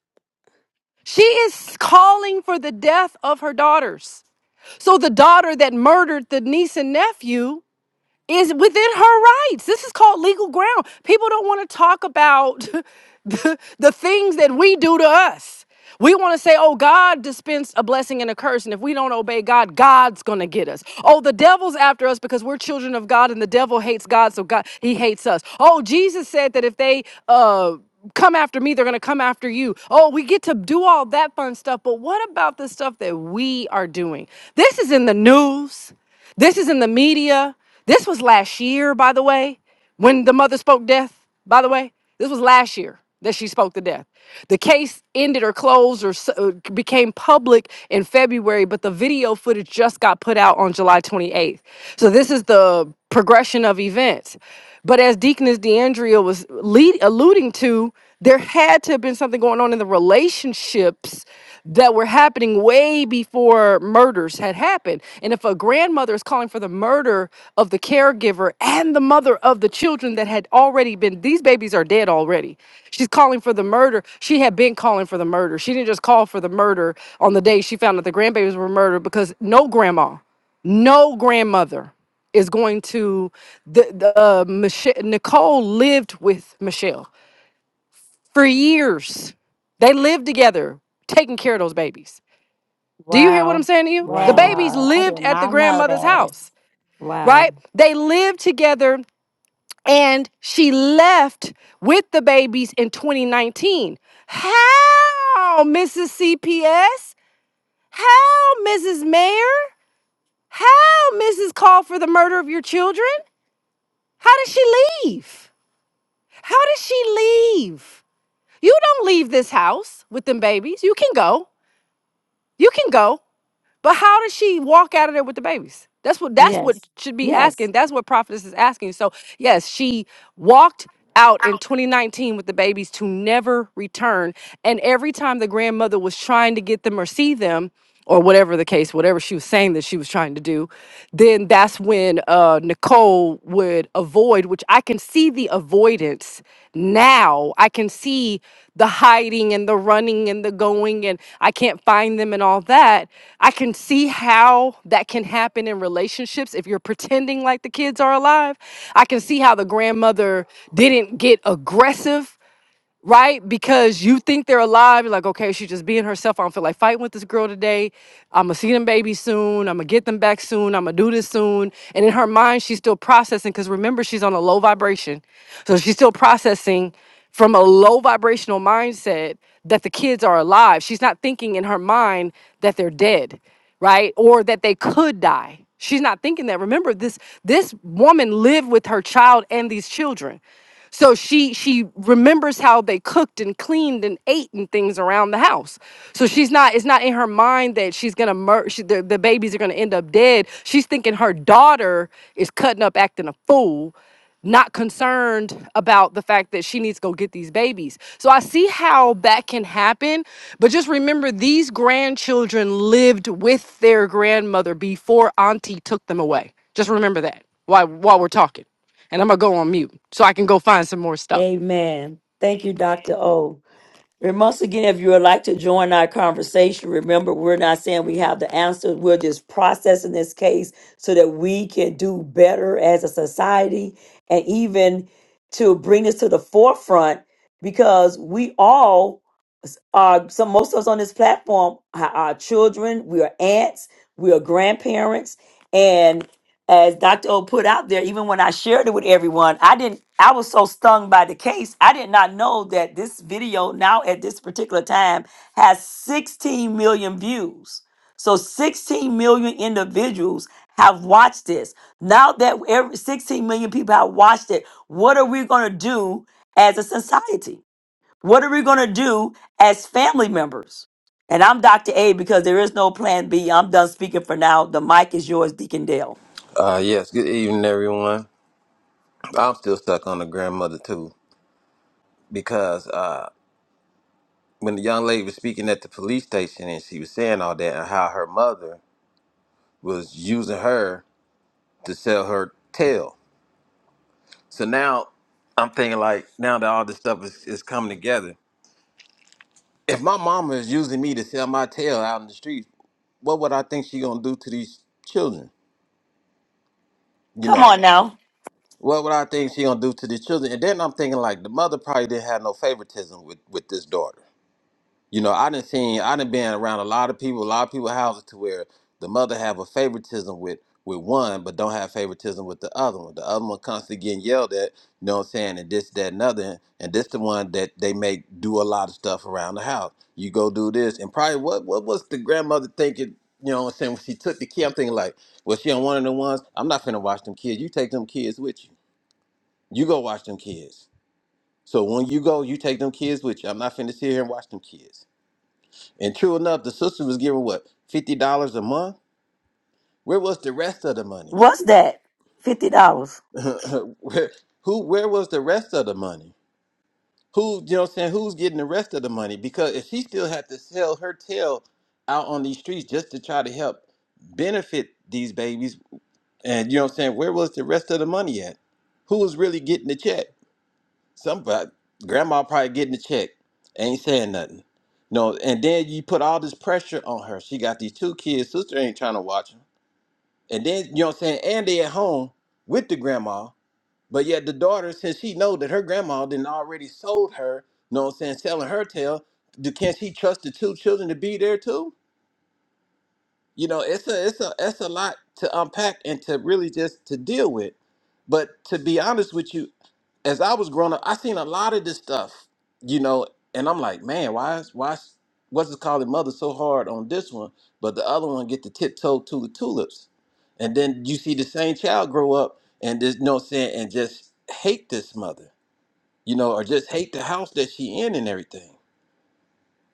Speaker 8: She is calling for the death of her daughters. So the daughter that murdered the niece and nephew is within her rights. This is called legal ground. People don't want to talk about the, the things that we do to us. We want to say, oh, God dispensed a blessing and a curse. And if we don't obey God, God's going to get us. Oh, the devil's after us because we're children of God and the devil hates God. So God, he hates us. Oh, Jesus said that if they, uh, come after me, they're going to come after you. Oh, we get to do all that fun stuff. But what about the stuff that we are doing? This is in the news. This is in the media. This was last year, by the way, when the mother spoke death, by the way. This was last year that she spoke to death. The case ended or closed or s- uh, became public in February, but the video footage just got put out on July 28th. So this is the progression of events. But as Deaconess DeAndrea was lead, alluding to, there had to have been something going on in the relationships that were happening way before murders had happened. And if a grandmother is calling for the murder of the caregiver and the mother of the children that had already been, these babies are dead already. She's calling for the murder. She had been calling for the murder. She didn't just call for the murder on the day she found that the grandbabies were murdered because no grandma, no grandmother is going to the, the uh, Mich- Nicole lived with Michelle for years. They lived together, taking care of those babies do you hear what I'm
Speaker 1: Wow.
Speaker 8: saying to you? The
Speaker 1: Wow.
Speaker 8: babies
Speaker 2: Wow. I
Speaker 8: lived
Speaker 2: did
Speaker 8: at the
Speaker 2: not know
Speaker 8: grandmother's
Speaker 2: that.
Speaker 8: house,
Speaker 1: Wow.
Speaker 8: right? They lived together and she left with the babies in 2019. How, Mrs. CPS? How, Mrs. Mayor? How, Mrs. Call for the murder of your children? How did she leave? How did she leave? You don't leave this house with them babies. You can go. You can go. But how did she walk out of there with the babies? That's what that's what
Speaker 1: Yes.
Speaker 8: should be
Speaker 1: Yes.
Speaker 8: asking. That's what prophetess is asking. So yes, she walked out in 2019 with the babies to never return. And every time the grandmother was trying to get them or see them, or whatever the case, whatever she was saying that she was trying to do, then that's when uh, Nicole soul would avoid, which I can see the avoidance now. I can see the hiding and the running and the going, and I can't find them and all that. I can see how that can happen in relationships if you're pretending like the kids are alive. I can see how the grandmother didn't get aggressive right? Because you think they're alive. You're like, okay, she's just being herself. I don't feel like fighting with this girl today. I'm gonna see them babies soon. I'm gonna get them back soon. I'm gonna do this soon. And in her mind, she's still processing because remember, she's on a low vibration. So she's still processing from a low vibrational mindset that the kids are alive. She's not thinking in her mind that they're dead, right? Or that they could die. She's not thinking that. Remember this this woman lived with her child and these children. So she she remembers how they cooked and cleaned and ate and things around the house. So she's not it's not in her mind that she's gonna mur- she, the, the babies are gonna end up dead. She's thinking her daughter is cutting up acting a fool, not concerned about the fact that she needs to go get these babies. So I see how that can happen, but just remember these grandchildren lived with their grandmother before Auntie took them away. Just remember that while while we're talking and I'm gonna go on mute so I can go find some more stuff.
Speaker 1: Amen. Thank you, Dr. O. And once again, if you would like to join our conversation, remember we're not saying we have the answers. We're just processing this case so that we can do better as a society and even to bring this to the forefront because we all are some most of us on this platform are, are children, we are aunts, we are grandparents, as Dr. O put out there, even when I shared it with everyone, I didn't, I was so stung by the case. I did not know that this video now at this particular time has 16 million views. So 16 million individuals have watched this. Now that every 16 million people have watched it, what are we going to do as a society? What are we going to do as family members? And I'm Dr. A because there is no plan B. I'm done speaking for now. The mic is yours, Deacon Dale.
Speaker 7: Uh, yes. Good evening, everyone. I'm still stuck on the grandmother too because uh, when the young lady was speaking at the police station and she was saying all that and how her mother was using her to sell her tail. So now I'm thinking like now that all this stuff is, is coming together. If my mama is using me to sell my tail out in the streets, what would I think she gonna do to these children? You
Speaker 1: Come
Speaker 7: know,
Speaker 1: on now.
Speaker 7: what would I think she gonna do to these children? And then I'm thinking like the mother probably didn't have no favoritism with with this daughter You know, I done seen, I done been around a lot of people, a lot of people houses to where the mother have a favoritism with with one, but don't have favoritism with the other one. The other one constantly getting yelled at, you know what I'm saying, and this, that, and other. And this the one that they make do a lot of stuff around the house. You go do this, and probably what what was the grandmother thinking? You know what I'm saying? When she took the kid, I'm thinking like, well, she on one of the ones. I'm not finna watch them kids. You take them kids with you. You go watch them kids. So when you go, you take them kids with you. I'm not finna sit here and watch them kids. And true enough, the sister was giving what fifty dollars a month. Where was the rest of the money?
Speaker 1: What's that? Fifty dollars.
Speaker 7: where, who? Where was the rest of the money? Who? You know, what I'm saying who's getting the rest of the money? Because if she still had to sell her tail out on these streets just to try to help benefit these babies, and you know, what I'm saying where was the rest of the money at? Who was really getting the check? Somebody, grandma probably getting the check. Ain't saying nothing. No, and then you put all this pressure on her. She got these two kids. Sister ain't trying to watch 'em. And then, you know what I'm saying? And they at home with the grandma. But yet the daughter, since she know that her grandma didn't already sold her, you know what I'm saying, selling her tail, do, can she trust the two children to be there too? You know, it's a it's a it's a lot to unpack and to really just to deal with. But to be honest with you, as I was growing up, I seen a lot of this stuff, you know, and I'm like, man, why is why is- what's it called mother so hard on this one, but the other one get to tiptoe to the tulips. And then you see the same child grow up and there's no saying and just hate this mother, you know, or just hate the house that she in and everything.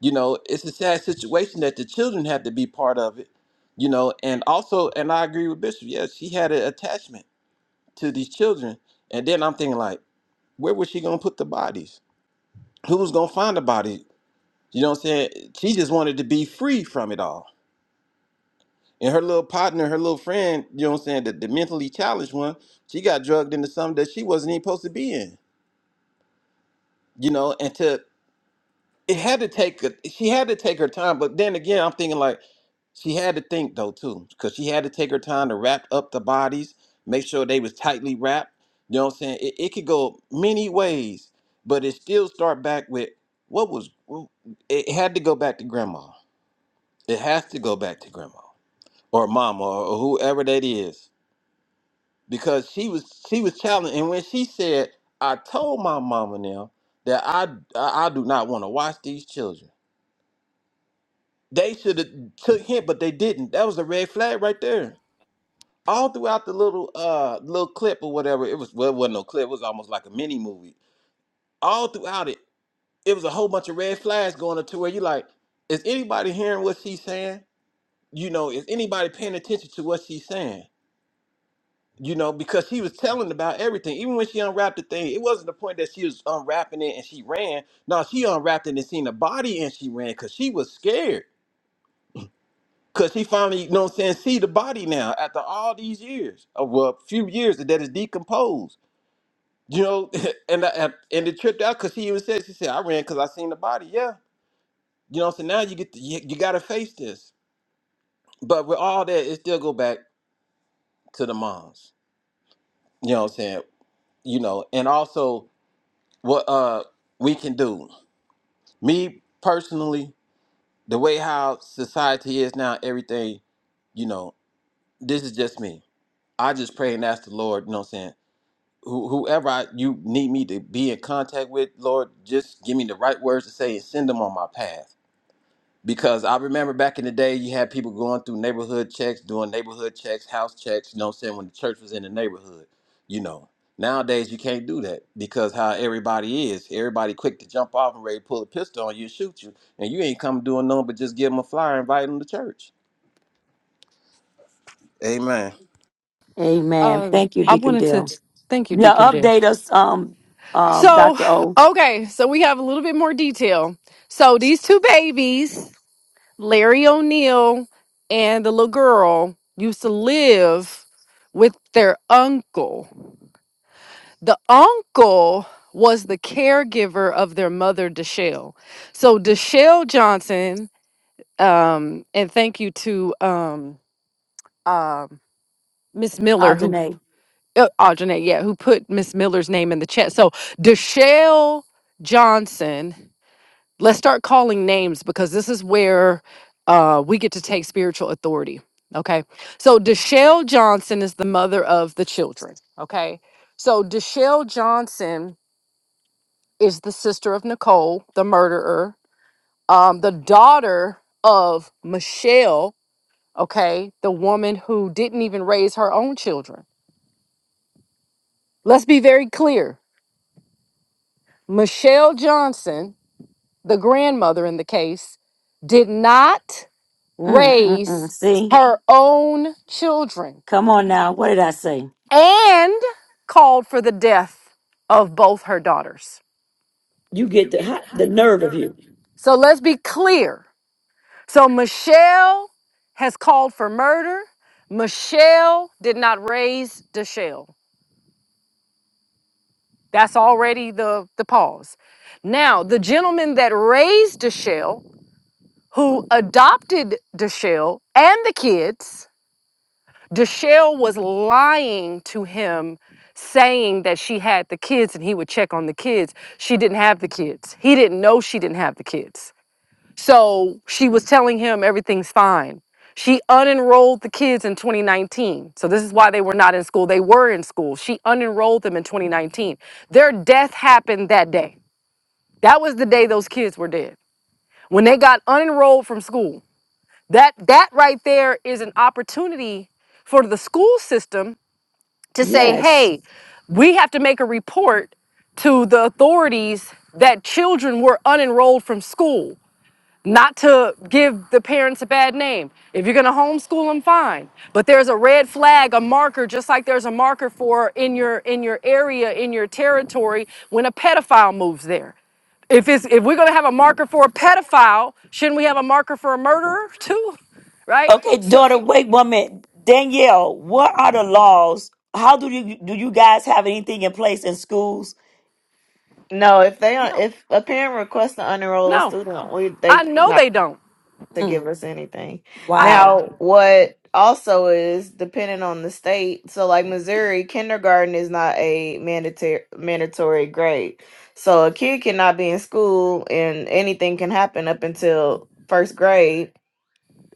Speaker 7: You know, it's a sad situation that the children have to be part of it, you know, and also and I agree with Bishop, yeah, she had an attachment to these children. And then I'm thinking like, where was she gonna put the bodies? who's gonna find about it? You know what I'm saying? She just wanted to be free from it all. And her little partner, her little friend, you know what I'm saying, the, the mentally challenged one, she got drugged into something that she wasn't even supposed to be in. You know, and to it had to take a, she had to take her time, but then again, I'm thinking like she had to think though too, because she had to take her time to wrap up the bodies, make sure they was tightly wrapped. You know what I'm saying? It, it could go many ways, but it still start back with what was it had to go back to grandma It has to go back to grandma or mama or whoever that is. Because she was she was challenged and when she said, I told my mama now that I I, I do not want to watch these children. They should have took hint, but they didn't. That was a red flag right there. All throughout the little uh little clip or whatever, it was well it wasn't no clip, it was almost like a mini movie. All throughout it, it was a whole bunch of red flags going up to where you like, is anybody hearing what she's saying? You know, is anybody paying attention to what she's saying? you know, because she was telling about everything. Even when she unwrapped the thing, it wasn't the point that she was unwrapping it and she ran. No, she unwrapped it and seen the body and she ran because she was scared. Because she finally, you know what I'm saying, see the body now after all these years, of well, a few years that is decomposed. You know, and I, and and it tripped out because she even said, she said, I ran because I seen the body. Yeah. You know what I'm saying? Now you get, to, you, you got to face this. But with all that, it still go back to the moms. You know what I'm saying? You know, and also what uh we can do. Me personally, the way how society is now, everything, you know, this is just me. I just pray and ask the Lord, you know what I'm saying? Who, whoever I, you need me to be in contact with, Lord, just give me the right words to say and send them on my path because I remember back in the day, you had people going through neighborhood checks, doing neighborhood checks, house checks, you know what I'm saying, when the church was in the neighborhood. You know, nowadays you can't do that because how everybody is. Everybody quick to jump off and ready to pull a pistol on you and shoot you. And you ain't come doing nothing but just give them a flyer and invite them to church. Amen.
Speaker 1: Amen.
Speaker 8: Um,
Speaker 1: Thank you,
Speaker 8: I
Speaker 1: Deacon
Speaker 8: wanted to
Speaker 1: Dale.
Speaker 8: thank you,
Speaker 1: Yeah,
Speaker 8: Deacon Dale.
Speaker 1: update us, um, um,
Speaker 8: So,
Speaker 1: Doctor O,
Speaker 8: okay, so we have a little bit more detail. So these two babies, Larry O'Neill and the little girl, used to live with their uncle. The uncle was the caregiver of their mother, Deshelle. So Deshelle Johnson, um, and thank you to um, um, Miss Miller who
Speaker 1: Ajane.
Speaker 8: uh, Audrey, yeah, who put Miss Miller's name in the chat. So Deshelle Johnson, let's start calling names because this is where uh, we get to take spiritual authority. Okay. So Deshelle Johnson is the mother of the children. Okay. So Deshelle Johnson is the sister of Nicole, the murderer, um, the daughter of Michelle, okay, the woman who didn't even raise her own children. Let's be very clear Michelle Johnson, the grandmother in the case, did not
Speaker 1: Mm, mm, mm.
Speaker 8: raise
Speaker 1: See,
Speaker 8: her own children
Speaker 1: come on now. What did I say?
Speaker 8: and called for the death of both her daughters.
Speaker 1: You get the ha- the nerve of you.
Speaker 8: So let's be clear. So Michelle has called for murder. Michelle did not raise Deshelle. That's already the, the pause. Now, the gentleman that raised Deshelle, who adopted Deshelle and the kids, Deshelle was lying to him, saying that she had the kids and he would check on the kids. She didn't have the kids. He didn't know she didn't have the kids. So she was telling him everything's fine. She unenrolled the kids in 2019. So this is why they were not in school. They were in school. She unenrolled them in 2019. Their death happened that day. That was the day those kids were dead. When they got unenrolled from school. That that right there is an opportunity for the school system to say,
Speaker 1: Yes.
Speaker 8: hey, we have to make a report to the authorities that children were unenrolled from school, not to give the parents a bad name. If you're going to homeschool them, fine. But there's a red flag, a marker, just like there's a marker for in your in your area, in your territory, when a pedophile moves there. If it's if we're going to have a marker for a pedophile, shouldn't we have a marker for a murderer too? Right?
Speaker 1: Okay,
Speaker 8: So
Speaker 1: daughter. Wait one minute, Danielle. What are the laws? How do you do? You guys have anything in place in schools?
Speaker 6: No, if they don't-
Speaker 8: no,
Speaker 6: if a parent requests to unenroll a
Speaker 8: no,
Speaker 6: student, we
Speaker 8: I
Speaker 6: they
Speaker 8: know
Speaker 6: not.
Speaker 8: they don't.
Speaker 6: to give
Speaker 1: Mm,
Speaker 6: us anything.
Speaker 1: wow.
Speaker 6: Now, what also is dependent on the state. So, like Missouri, kindergarten is not a mandatory mandatory grade. So, a kid cannot be in school, and anything can happen up until first grade,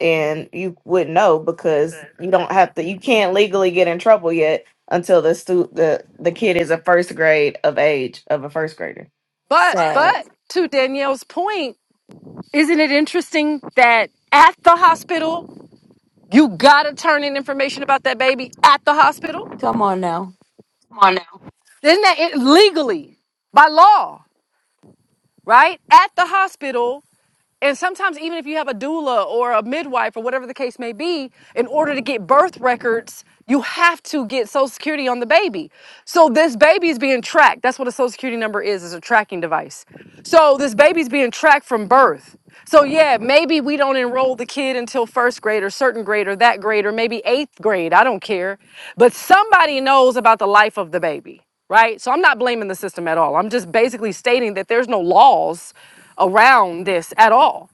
Speaker 6: and you wouldn't know because you don't have to. You can't legally get in trouble yet until the stu- the the kid is a first grade of age of a first grader.
Speaker 8: But
Speaker 1: Sad.
Speaker 8: but to Danielle's point, isn't it interesting that at the hospital you gotta turn in information about that baby at the hospital?
Speaker 1: Come on now.
Speaker 8: Isn't that it, legally by law, right? At the hospital And sometimes, even if you have a doula or a midwife or whatever the case may be, in order to get birth records, you have to get Social Security on the baby. So this baby is being tracked. That's what a Social Security number is, is a tracking device. So this baby's being tracked from birth. So yeah, maybe we don't enroll the kid until first grade or certain grade or that grade or maybe eighth grade. I don't care. But somebody knows about the life of the baby, right? So I'm not blaming the system at all. I'm just basically stating that there's no laws around this at all.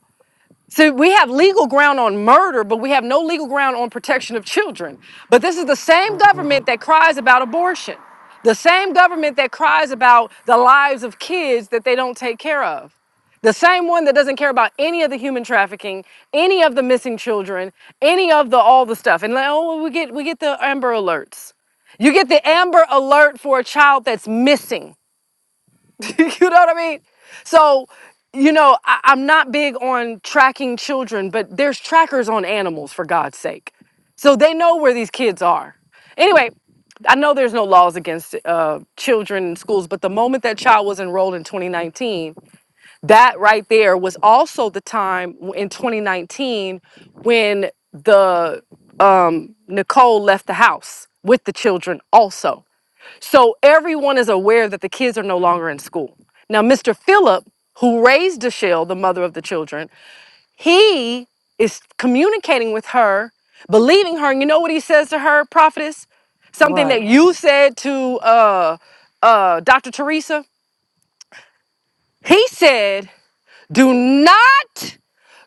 Speaker 8: So we have legal ground on murder, but we have no legal ground on protection of children. But this is the same
Speaker 6: Mhm.
Speaker 8: government that cries about abortion, the same government that cries about the lives of kids that they don't take care of. The same one that doesn't care about any of the human trafficking, any of the missing children, any of the all the stuff. And like, oh, well, we get we get the Amber Alerts. You get the Amber Alert for a child that's missing. you know what I mean? So, you know, I, I'm not big on tracking children, but there's trackers on animals for God's sake. So they know where these kids are. Anyway, I know there's no laws against uh, children in schools, but the moment that child was enrolled in 2019, that right there was also the time w- in 2019 when the um, Nicole left the house with the children also. So everyone is aware that the kids are no longer in school. Now, Mr. Phillip, who raised Deshelle, the mother of the children, he is communicating with her, believing her. And you know what he says to her, prophetess? Something that
Speaker 1: What?
Speaker 8: you said to uh, uh, Dr. Teresa. He said, Do not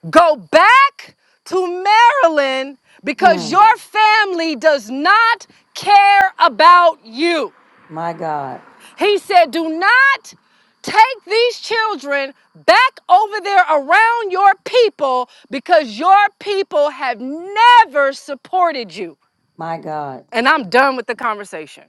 Speaker 8: go back to Maryland because
Speaker 1: Mm,
Speaker 8: your family does not care about you.
Speaker 1: my God.
Speaker 8: He said, Do not take these children back over there around your people because your people have never supported you.
Speaker 1: My God.
Speaker 8: And I'm done with the conversation.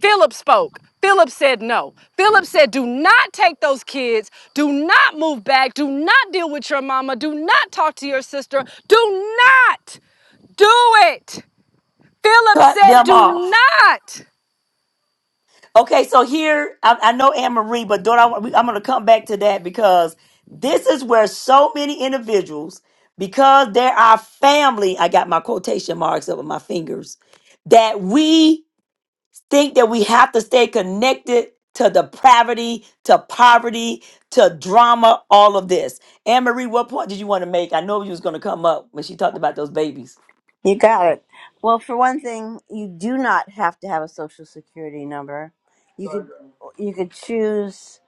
Speaker 8: Philip spoke. Philip said no. Philip said, Do not take those kids. Do not move back. Do not deal with your mama. Do not talk to your sister. Do not do it. Philip
Speaker 1: cut
Speaker 8: said,
Speaker 1: them
Speaker 8: Do
Speaker 1: off.
Speaker 8: not.
Speaker 1: Okay, so here I, I know Anne Marie, but don't I? I'm going to come back to that because this is where so many individuals, because they're our family. I got my quotation marks up with my fingers that we think that we have to stay connected to depravity, to poverty, to drama, all of this. Anne Marie, what point did you want to make? I know you was going to come up when she talked about those babies.
Speaker 9: You got it. Well, for one thing, you do not have to have a social security number. You could you could choose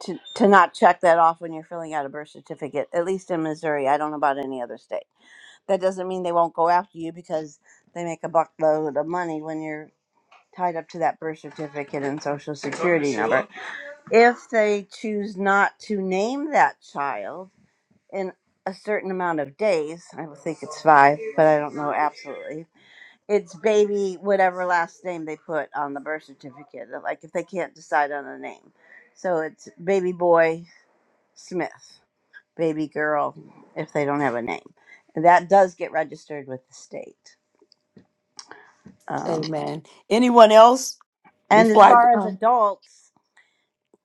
Speaker 9: to, to not check that off when you're filling out a birth certificate. At least in Missouri, I don't know about any other state. That doesn't mean they won't go after you because they make a buckload of money when you're tied up to that birth certificate and social security number. If they choose not to name that child in a certain amount of days, I would think it's five, but I don't know absolutely it's baby whatever last name they put on the birth certificate. Like if they can't decide on a name, so it's baby boy Smith, baby girl if they don't have a name. And that does get registered with the state. Um,
Speaker 1: Amen. Anyone else
Speaker 9: and
Speaker 1: before
Speaker 9: as
Speaker 1: I go?
Speaker 9: far as
Speaker 2: Um,
Speaker 9: adults,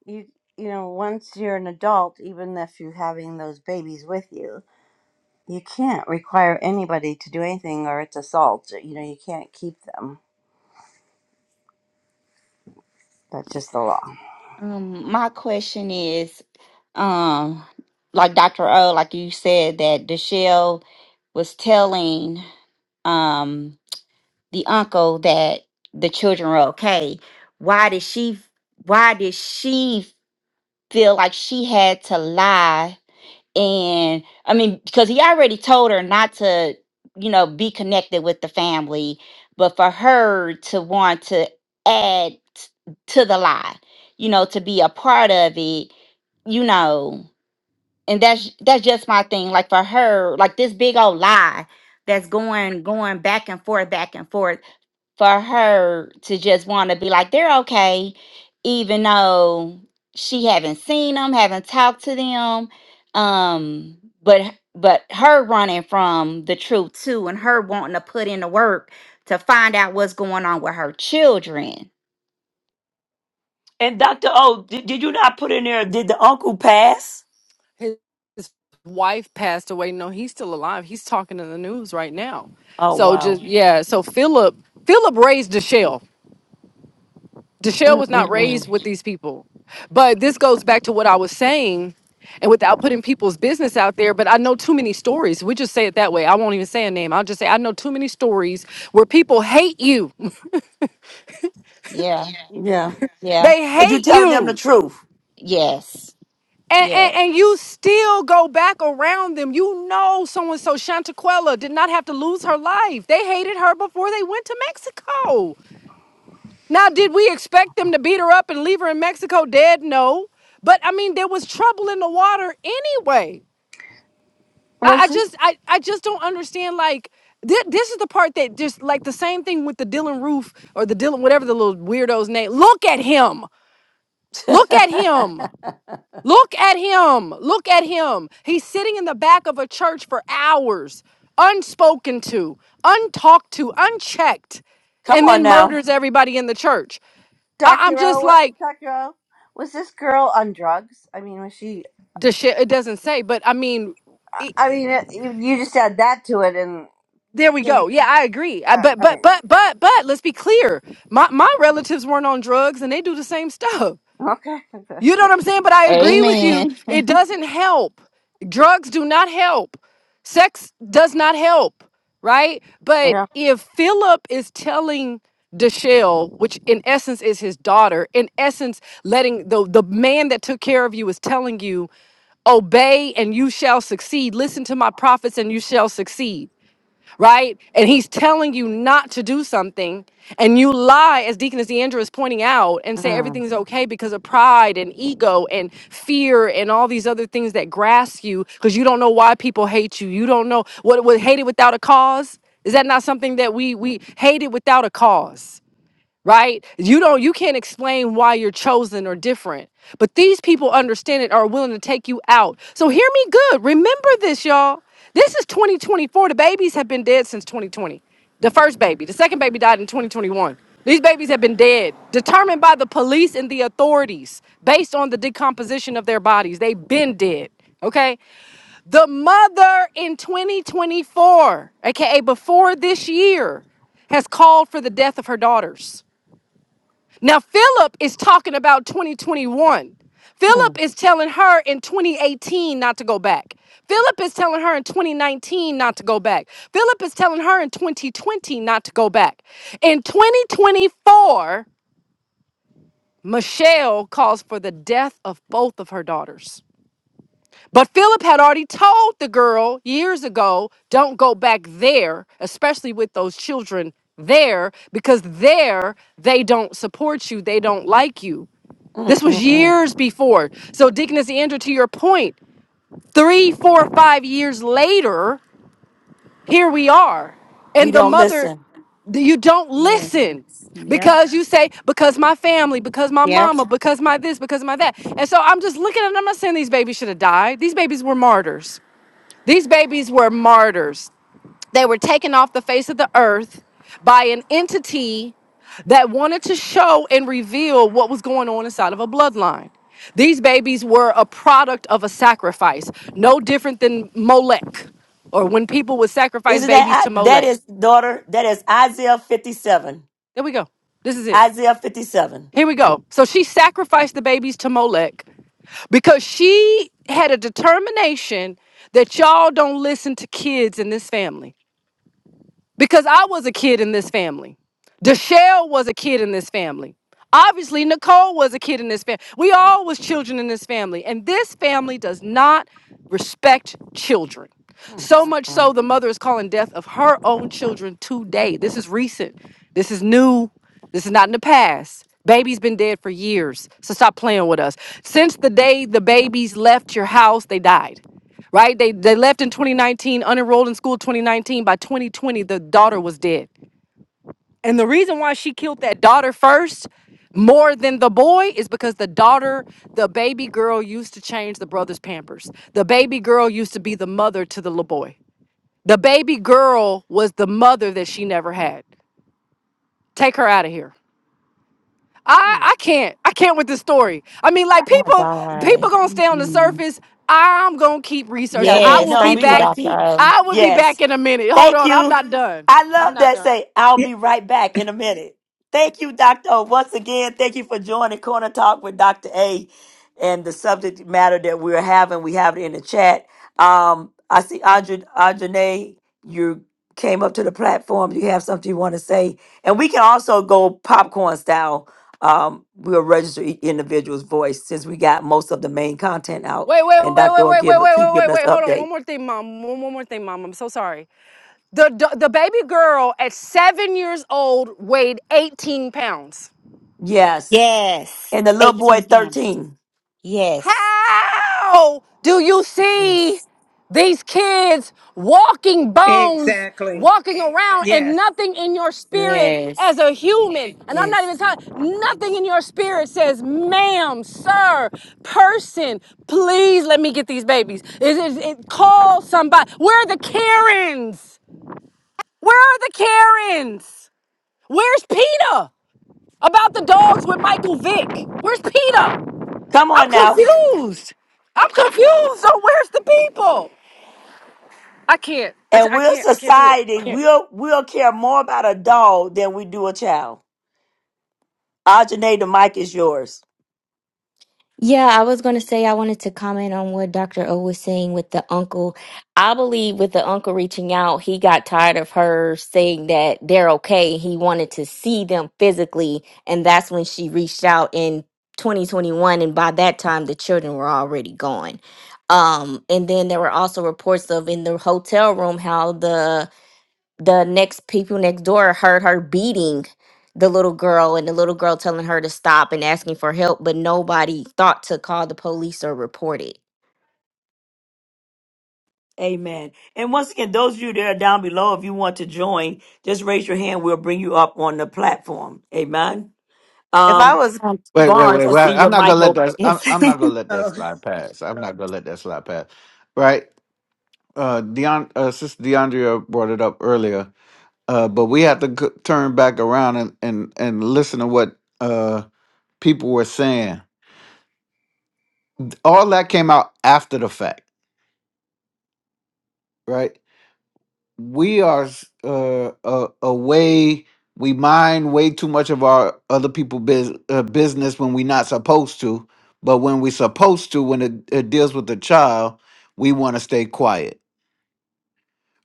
Speaker 9: you you know once you're an adult, even if you're having those babies with you, you can't require anybody to do anything or it's assault. You know you can't keep them. That's just the law.
Speaker 2: um my question is, um, like Dr. O, like you said that Deshelle was telling. Um, the uncle that the children were okay why did she why did she feel like she had to lie and i mean because he already told her not to you know be connected with the family but for her to want to add t- to the lie you know to be a part of it you know and that's that's just my thing like for her like this big old lie that's going going back and forth back and forth for her to just want to be like they're okay even though she haven't seen them haven't talked to them um but but her running from the truth too and her wanting to put in the work to find out what's going on with her children
Speaker 1: And Dr. O, did, did you not put in there, did the uncle pass?
Speaker 8: his his wife passed away. No, he's still alive. He's talking in the news right now.
Speaker 1: Oh,
Speaker 8: So
Speaker 1: wow.
Speaker 8: just yeah. So Philip Philip raised Deshelle. Deshelle was not raised
Speaker 1: Mm-mm-mm.
Speaker 8: with these people. But this goes back to what I was saying, and without putting people's business out there. But I know too many stories. We just say it that way. I won't even say a name. I'll just say I know too many stories where people hate you.
Speaker 2: yeah
Speaker 1: Yeah.
Speaker 2: yeah
Speaker 8: They
Speaker 1: Because you
Speaker 8: hate
Speaker 1: telling them the
Speaker 8: you.
Speaker 1: truth.
Speaker 2: yes
Speaker 8: and,
Speaker 2: yeah
Speaker 8: and, and you still go back around them. You know, so and so, Chantaquella, did not have to lose her life. They hated her before they went to Mexico. Now, did we expect them to beat her up and leave her in Mexico dead? No. But I mean, there was trouble in the water anyway. I,
Speaker 9: Was
Speaker 8: I
Speaker 9: this?
Speaker 8: just, I, I just don't understand. Like, this, this is the part that just like the same thing with the Dylan Roof or the Dylan, whatever the little weirdo's name. Look at him. Look at him. Look at him. Look at him. He's sitting in the back of a church for hours, unspoken to, untalked to, unchecked,
Speaker 1: Come
Speaker 8: and
Speaker 1: on
Speaker 8: then
Speaker 1: now.
Speaker 8: murders everybody in the church. I, I'm
Speaker 9: Dr.
Speaker 8: just
Speaker 9: O,
Speaker 8: like,
Speaker 9: Dr. O, was this girl on drugs? I mean, was she?
Speaker 8: the shit, it doesn't say, but I mean,
Speaker 9: I
Speaker 8: it,
Speaker 9: I mean, it, you, you just add that to it, and
Speaker 8: there we
Speaker 9: she was-
Speaker 8: go. Yeah, I agree. I,
Speaker 9: uh,
Speaker 8: but,
Speaker 9: I
Speaker 8: but,
Speaker 9: mean,
Speaker 8: but, but, but, let's be clear. My, my relatives weren't on drugs and they do the same stuff.
Speaker 9: okay, okay,
Speaker 8: You know
Speaker 9: yeah,
Speaker 8: what I'm saying? But I
Speaker 9: yeah,
Speaker 8: agree with you.
Speaker 2: amen
Speaker 8: It doesn't help. Drugs do not help. Sex does not help, right? But
Speaker 9: yeah,
Speaker 8: if Philip is telling Deshelle, which in essence is his daughter, in essence, letting the, the man that took care of you is telling you, obey and you shall succeed. Listen to my prophets and you shall succeed right? And he's telling you not to do something, and you lie, as Deaconess Deandra is pointing out, and say
Speaker 1: Mm,
Speaker 8: everything's okay because of pride and ego and fear and all these other things that grasp you because you don't know why people hate you. You don't know what what hated without a cause. Is that not something that we we hated without a cause? right? You don't you can't explain why you're chosen or different. But these people understand it are willing to take you out. So hear me good. Remember this, y'all. This is 2024. The babies have been dead since 2020. The first baby, the second baby died in 2021. These babies have been dead, determined by the police and the authorities based on the decomposition of their bodies. They've been dead. Okay? The mother in 2024, aka before this year, has called for the death of her daughters. Now, Philip is talking about 2021. Philip
Speaker 1: mm.
Speaker 8: is telling her in 2018 not to go back. Philip is telling her in 2019 not to go back. Philip is telling her in 2020 not to go back. In 2024, Michelle calls for the death of both of her daughters. But Philip had already told the girl years ago don't go back there, especially with those children there, because there they don't support you, they don't like you. This was
Speaker 1: Mm-mm-mm.
Speaker 8: years before. So, Deaconess Andrew, to your point, three, four, five years later, here we are.
Speaker 1: We
Speaker 8: And the
Speaker 1: don't
Speaker 8: mother,
Speaker 1: listen.
Speaker 8: you don't listen
Speaker 2: yes yep
Speaker 8: because you say, because my family, because my
Speaker 2: Yep.
Speaker 8: mama, because my this, because my that. And so I'm just looking at, I'm not saying these babies should have died. These babies were martyrs. These babies were martyrs. They were taken off the face of the earth by an entity that wanted to show and reveal what was going on inside of a bloodline. These babies were a product of a sacrifice, no different than Molech or when people would sacrifice
Speaker 1: Isn't
Speaker 8: babies
Speaker 1: that
Speaker 8: to
Speaker 1: I- that
Speaker 8: Molech.
Speaker 1: is daughter? That is Isaiah fifty seven.
Speaker 8: There we go. This is it.
Speaker 1: Isaiah fifty seven.
Speaker 8: Here we go. So she sacrificed the babies to Molech because she had a determination that y'all don't listen to kids in this family. because I was a kid in this family. Deshelle was a kid in this family. Obviously, Nicole was a kid in this family. We all was children in this family, and this family does not respect children. So much so, the mother is calling death of her own children today. This is recent. This is new. This is not in the past. Baby's been dead for years, so stop playing with us. Since the day the babies left your house, they died right? They they left in 2019, unenrolled in school 2019. By 2020, the daughter was dead. And the reason why she killed that daughter first, more than the boy, is because the daughter, the baby girl, used to change the brother's pampers. The baby girl used to be the mother to the little boy. The baby girl was the mother that she never had. Take her out of here. I I can't. I can't with this story. I
Speaker 1: Yeah.
Speaker 8: mean, like
Speaker 2: oh my
Speaker 8: people people
Speaker 2: god
Speaker 8: gonna stay on the
Speaker 2: Mm-mm.
Speaker 8: surface. I'm gonna keep
Speaker 1: Yeah,
Speaker 8: researching. I
Speaker 1: we
Speaker 2: yes
Speaker 8: will
Speaker 1: know
Speaker 8: be
Speaker 1: we're
Speaker 2: thank you
Speaker 8: back.
Speaker 1: gonna
Speaker 2: dr
Speaker 1: keep.
Speaker 2: o
Speaker 8: I will be back
Speaker 1: Yes.
Speaker 8: in a minute. Hold
Speaker 1: Thank
Speaker 8: on, I'm
Speaker 1: you.
Speaker 8: not done.
Speaker 1: I love that. Say, I'll be right back in a minute. Thank you, Dr. O. Once again, thank you for joining Corner Talk with Dr. A and the subject matter that we're having. We have it in the chat. Um, I see Audrey, Audrey, you came up to the platform. You have something you want to say. And we can also go popcorn style. Um, we'll register each individual's voice since we got most of the main content out
Speaker 8: Wait, wait, wait,
Speaker 1: and
Speaker 8: wait,
Speaker 1: Dr. will
Speaker 8: wait, wait,
Speaker 1: give
Speaker 8: wait,
Speaker 1: keep
Speaker 8: wait,
Speaker 1: giving
Speaker 8: wait,
Speaker 1: us
Speaker 8: wait. Hold on. One
Speaker 1: updates.
Speaker 8: more thing, mom. One, one more thing, mom. I'm so sorry. The, the the baby girl at seven years old weighed 18 pounds.
Speaker 1: Yes.
Speaker 2: yes
Speaker 1: And the little boy
Speaker 2: 18 pounds
Speaker 1: 13.
Speaker 2: Yes.
Speaker 8: How do you see
Speaker 2: Yes.
Speaker 8: these kids walking bones,
Speaker 3: Exactly.
Speaker 8: walking around, and
Speaker 3: Yes.
Speaker 8: nothing in your spirit
Speaker 2: Yes.
Speaker 8: as a human? And I'm not even
Speaker 2: Yes.
Speaker 8: talking, nothing in your spirit says, ma'am, sir, person, please let me get these babies. It, it, it, call somebody. Where are the Karens? Where are the Karens? Where's PETA? About the dogs with Michael Vick. Where's PETA?
Speaker 1: Come
Speaker 8: I'm
Speaker 1: on now.
Speaker 8: confused. I'm confused. So where's the people? I can't. I, ju-
Speaker 1: And
Speaker 8: I
Speaker 1: we're
Speaker 8: can't. I can't do it.
Speaker 1: society,
Speaker 8: I can't.
Speaker 1: we'll we'll care more about a dog than we do a child. Ajane, the mic is yours.
Speaker 10: Yeah, I was going to say I wanted to comment on what Dr. O was saying with the uncle. I believe with the uncle reaching out, he got tired of her saying that they're okay. He wanted to see them physically, and that's when she reached out in 2021 and by that time the children were already gone. Um and then there were also reports of in the hotel room how the the next people next door heard her beating the little girl and the little girl telling her to stop and asking for help, but nobody thought to call the police or report it.
Speaker 1: Amen. And once again, those of you that are down below, if you want to join, just raise your hand. We'll bring you up on the platform. Amen.
Speaker 6: If I
Speaker 1: Um,
Speaker 6: was
Speaker 2: Um,
Speaker 5: Wait, wait,
Speaker 1: Barnes,
Speaker 5: wait,
Speaker 1: I
Speaker 5: wait.
Speaker 1: see your
Speaker 5: I'm not
Speaker 1: mic
Speaker 5: gonna let
Speaker 1: open.
Speaker 5: that. I'm,
Speaker 2: yes.
Speaker 5: I'm not gonna let that
Speaker 3: Oh,
Speaker 5: slide pass. I'm not gonna let that slide pass. Right? Uh, Deon, uh, Sister DeAndrea brought it up earlier. Uh, but we have to g- turn back around and and and listen to what uh people were saying. All that came out after the fact, right? we are uh, uh, away. We mind way too much of our other people biz, uh, business when we're not supposed to. But when we're supposed to, when it, it deals with the child, we want to stay quiet,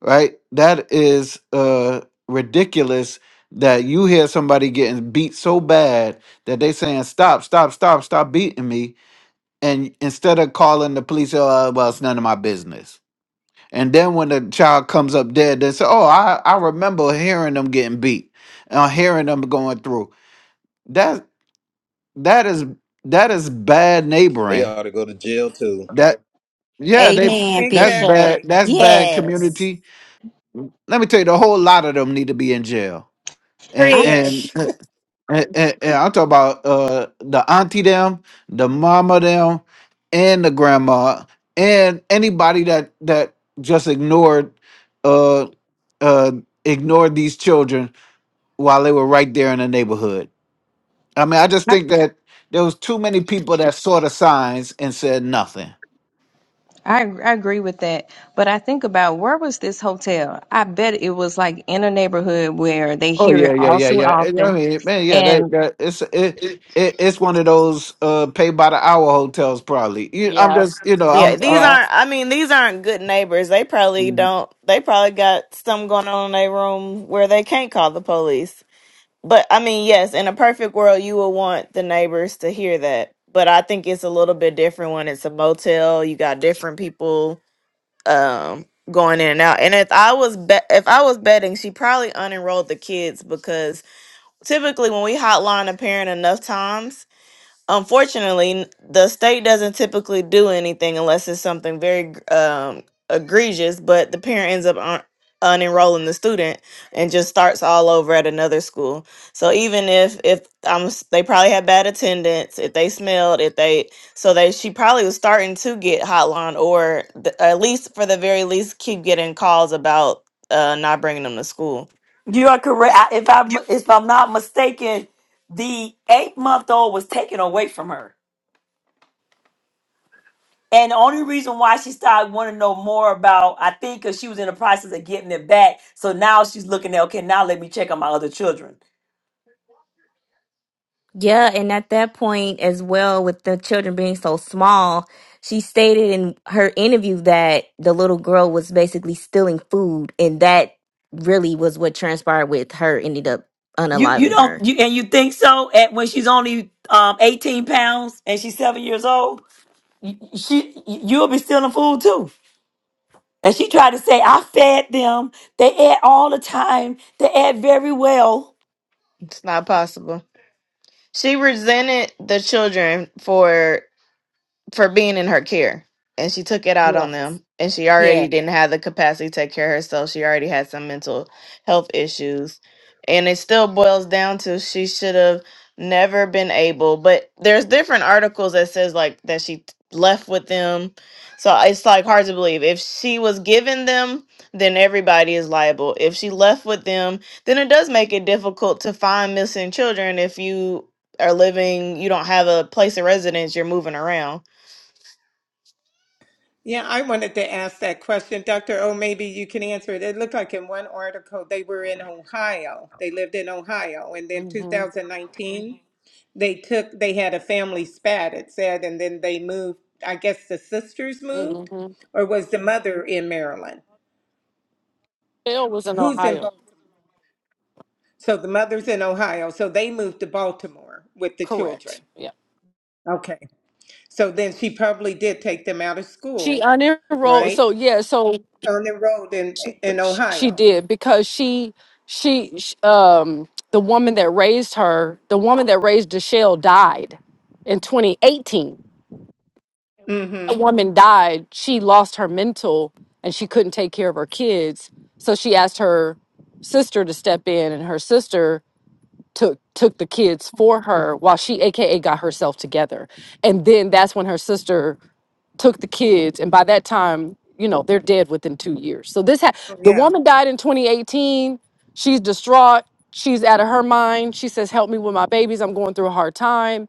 Speaker 5: right? That is uh, ridiculous. That you hear somebody getting beat so bad that they saying stop, stop, stop, stop beating me, and instead of calling the police, oh well, it's none of my business and then when the child comes up dead, they say, "Oh, I I remember hearing them getting beat, and hearing them going through." That that is that is bad
Speaker 7: They
Speaker 5: neighboring.
Speaker 7: ought to go to jail too.
Speaker 5: That yeah, they
Speaker 2: Amen,
Speaker 5: that's
Speaker 2: Bishop.
Speaker 5: bad.
Speaker 3: exactly.
Speaker 5: That's bad
Speaker 2: Yes.
Speaker 5: community. Let me tell you, the whole lot of them need to be in jail. And
Speaker 4: I,
Speaker 3: Yes.
Speaker 5: and
Speaker 2: Preach.
Speaker 5: and, and- and I'm talking about uh, the auntie them, the mama them, and the grandma, and anybody that that just ignored. uh, uh, ignored these children while they were right there in the neighborhood. I mean, I just
Speaker 4: I
Speaker 5: think that there was too many people that saw the signs and said nothing.
Speaker 4: I I agree with that, but I think about where was this hotel? I bet it was like in a neighborhood where they
Speaker 5: Oh
Speaker 4: hear
Speaker 5: yeah,
Speaker 4: it
Speaker 5: yeah,
Speaker 4: all
Speaker 5: yeah,
Speaker 4: too
Speaker 5: yeah. And, I
Speaker 4: often.
Speaker 5: mean, man, yeah, they,
Speaker 4: And
Speaker 5: that it's it, it it's one of those uh, pay by the hour hotels, probably. You, I'm
Speaker 2: Yeah.
Speaker 5: just, you know,
Speaker 6: Yeah,
Speaker 5: I'm.
Speaker 6: these
Speaker 2: Yeah.
Speaker 5: i
Speaker 6: aren't. I mean, these aren't good neighbors. They probably don't. They probably got something going on in their room where they can't call the police. But I mean, yes, in a perfect world, you would want the neighbors to hear that. But I think it's a little bit different when it's a motel. You got different people um, going in and out. And if I was bet, if I was betting, she probably unenrolled the kids because typically when we hotline a parent enough times unfortunately the state doesn't typically do anything unless it's something very um, egregious but the parent ends up un- unenrolling the student and just starts all over at another school so even if if i'm s- they probably had bad attendance if they smelled if they so they she probably was starting to get hotline or th- at least for the very least keep getting calls about uh not bringing them to school
Speaker 1: You are correct. I- If I'm if I'm not mistaken, the eight month old was taken away from her. And the only reason why she started wanting to know more about, I think, because she was in the process of getting it back. So now she's looking at, okay, now let me check on my other children.
Speaker 10: Yeah, and at that point as well, with the children being so small, she stated in her interview that the little girl was basically stealing food, and that really was what transpired with her ended up
Speaker 1: You you
Speaker 10: unaliving
Speaker 1: don't
Speaker 10: her.
Speaker 1: you and you think so? At when she's only um 18 pounds and she's seven years old, y- y- she y- you'll be stealing food too. And she tried to say, I fed them. They ate all the time. They ate very well.
Speaker 6: it's not possible she resented the children for for being in her care. And she took it out
Speaker 2: Yes.
Speaker 6: on them. And she already
Speaker 2: yes,
Speaker 6: didn't have the capacity to take care of herself. She already had some mental health issues. And it still boils down to she should have never been able. But there's different articles that says like that she t- left with them. So it's like hard to believe. If she was given them, then everybody is liable. If she left with them, then it does make it difficult to find missing children if you are living, you don't have a place of residence, you're moving around
Speaker 3: Yeah, I wanted to ask that question. Dr. O, maybe you can answer it. It looked like in one article they were in Ohio. They lived in Ohio. And then
Speaker 8: hmm
Speaker 3: 2019, Mhm. they took, they had a family spat, it said, and then they moved. I guess the sisters moved,
Speaker 8: hmm
Speaker 3: or was the mother in Maryland?
Speaker 8: Bill was in
Speaker 3: Who's in
Speaker 8: Ohio.
Speaker 3: both? So the mother's in Ohio. So they moved to Baltimore with the
Speaker 8: Correct.
Speaker 3: children.
Speaker 8: Yeah.
Speaker 3: Okay. So then she probably did take them out of
Speaker 8: She
Speaker 3: school,
Speaker 8: unenrolled.
Speaker 3: right?
Speaker 8: So yeah. So
Speaker 3: Unenrolled in,
Speaker 8: she,
Speaker 3: in
Speaker 8: she
Speaker 3: Ohio.
Speaker 8: did because she she sh- um the woman that raised her the woman that raised Deshelle died in 2018.
Speaker 3: Mm hmm.
Speaker 8: that woman died, she lost her mental and she couldn't take care of her kids. So she asked her sister to step in and her sister took took the kids for her while she aka got herself together. And then that's when her sister took the kids and by that time, you know, they're dead within 2 years. So this ha-
Speaker 3: Oh,
Speaker 8: the
Speaker 3: yeah.
Speaker 8: woman died in 2018. She's distraught. She's out of her mind. She says, "Help me with my babies. I'm going through a hard time."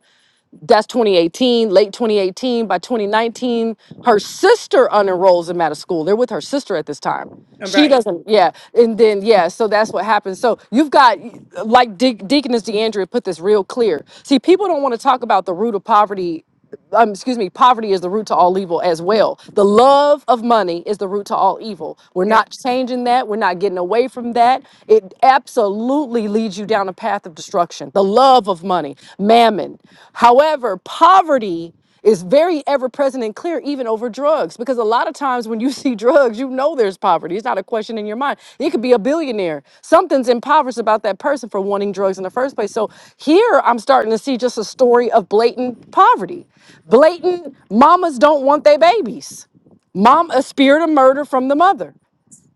Speaker 8: that's 2018, late 2018. By 2019, her sister unenrolls him out of school. They're with her sister at this time.
Speaker 3: Um,
Speaker 8: She
Speaker 3: Right.
Speaker 8: doesn't, yeah. And then, yeah, so that's what happens. So you've got, like De- Deaconess DeAndrea put this real clear. See, people don't want to talk about the root of poverty um, excuse me, poverty is the root to all evil as well. The love of money is the root to all evil. We're
Speaker 3: Yeah,
Speaker 8: not changing that. We're not getting away from that. It absolutely leads you down a path of destruction. The love of money, mammon. However, poverty it's very ever present and clear, even over drugs, because a lot of times when you see drugs, you know there's poverty. It's not a question in your mind. It could be a billionaire. Something's impoverished about that person for wanting drugs in the first place. So here I'm starting to see just a story of blatant poverty. Blatant mamas don't want their babies. Mom, a spirit of murder from the mother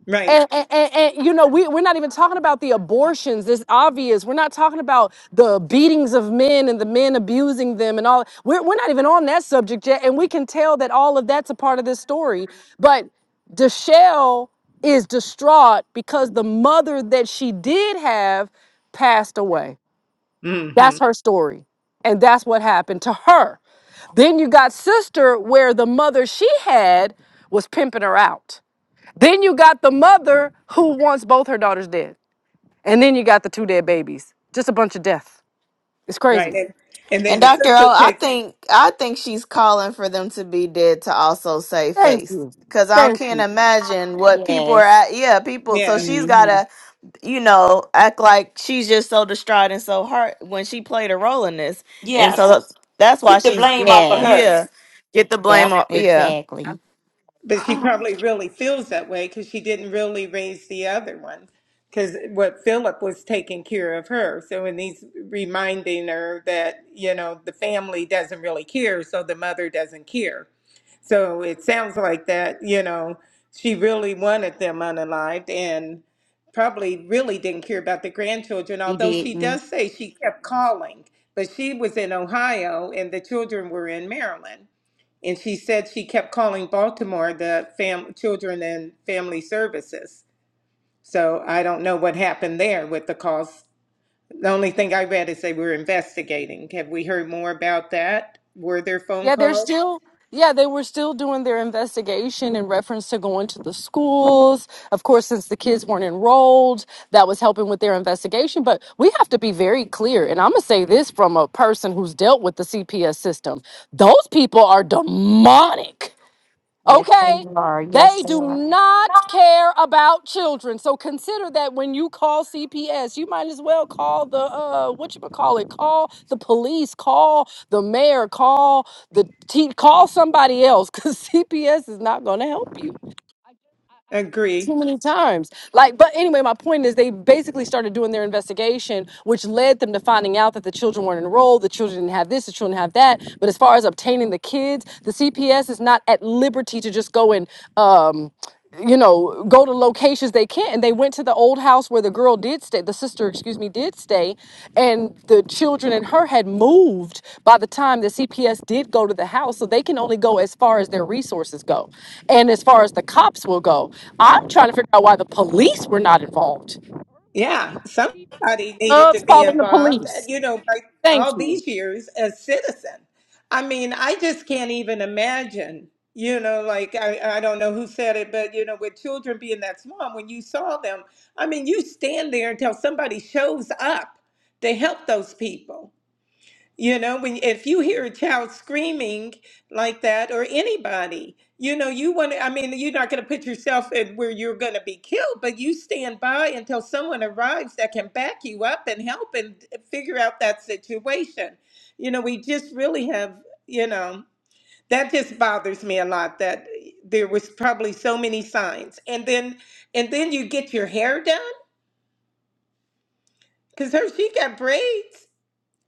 Speaker 3: Right.
Speaker 8: and, and, and, and, you know we, we're not even talking about the abortions it's obvious we're not talking about the beatings of men and the men abusing them and all we're, we're not even on that subject yet and we can tell that all of that's a part of this story but deshelle is distraught because the mother that she did have passed away
Speaker 3: hmm
Speaker 8: that's her story and that's what happened to her then you got sister where the mother she had was pimping her out then you got the mother who wants both her daughters dead. And then you got the two dead babies. Just a bunch of death. It's
Speaker 3: Right.
Speaker 8: crazy.
Speaker 3: And, and then
Speaker 6: And
Speaker 3: the
Speaker 6: Dr. O,
Speaker 3: sister
Speaker 6: I
Speaker 3: takes,
Speaker 6: think I think she's calling for them to be dead to also save
Speaker 8: Thank
Speaker 6: face.
Speaker 8: you.
Speaker 6: Cause I
Speaker 8: Thank
Speaker 6: can't
Speaker 8: you.
Speaker 6: imagine what people are
Speaker 2: Yes.
Speaker 6: at. Yeah, people. So
Speaker 3: yeah,
Speaker 6: she's
Speaker 2: hmm
Speaker 6: gotta, you know, act like she's just so distraught and so hurt when she played a role in this. And
Speaker 1: Yeah,
Speaker 6: so
Speaker 1: so
Speaker 6: that's why
Speaker 1: keep the
Speaker 6: she's,
Speaker 1: blame off of her.
Speaker 2: Yes.
Speaker 6: yeah, get the blame
Speaker 2: Yep.
Speaker 6: off.
Speaker 2: Exactly.
Speaker 3: but she probably really feels that way because she didn't really raise the other one. Because what Philip was taking care of her. So, and he's reminding her that, you know, the family doesn't really care, so the mother doesn't care. So it sounds like that, you know, she really wanted them unalived and probably really didn't care about the grandchildren,
Speaker 2: He
Speaker 3: although she
Speaker 2: didn't.
Speaker 3: does say she kept calling, but she was in Ohio and the children were in Maryland. And she said she kept calling Baltimore the fam- children and family services. So I don't know what happened there with the calls. The only thing I read is they were investigating. Have we heard more about that? Were there phone
Speaker 8: Yeah, they're
Speaker 3: calls?
Speaker 8: still yeah, they were still doing their investigation in reference to going to the schools. Of course, since the kids weren't enrolled, that was helping with their investigation. But we have to be very clear, and I'm gonna say this from a person who's dealt with the CPS system. Those people are demonic.
Speaker 2: Yes, they
Speaker 8: Okay?
Speaker 2: are. Yes,
Speaker 8: They
Speaker 2: they
Speaker 8: do
Speaker 2: are.
Speaker 8: not care about children. So consider that when you call CPS, you might as well call the uh what you call it, call the police, call the mayor, call the te- call somebody else cuz CPS is not going to help you
Speaker 3: Agree.
Speaker 8: too many times. Like, but anyway, my point is they basically started doing their investigation, which led them to finding out that the children weren't enrolled, the children didn't have this, the children have that. But as far as obtaining the kids, the CPS is not at liberty to just go and um you know, go to locations they can't. And they went to the old house where the girl did stay, the sister, excuse me, did stay. And the children and her had moved by the time the CPS did go to the house. So they can only go as far as their resources go and as far as the cops will go. I'm trying to figure out why the police were not involved.
Speaker 3: Yeah,
Speaker 8: The CPS
Speaker 3: somebody needed to
Speaker 8: loves
Speaker 3: be
Speaker 8: calling the
Speaker 3: involved, uh,
Speaker 8: police.
Speaker 3: you know, like
Speaker 8: Thank
Speaker 3: all
Speaker 8: you.
Speaker 3: these years as citizen. I mean, I just can't even imagine, you know, like I, I don't know who said it, but you know, with children being that small, when you saw them, I mean, you stand there until somebody shows up to help those people. You know, when if you hear a child screaming like that or anybody, you know, you want to, I mean, you're not going to put yourself in where you're going to be killed, but you stand by until someone arrives that can back you up and help and figure out that situation. You know, we just really have, you know, that just bothers me a lot that eh, there was probably so many signs. And then and then you get your hair done because her she got braids.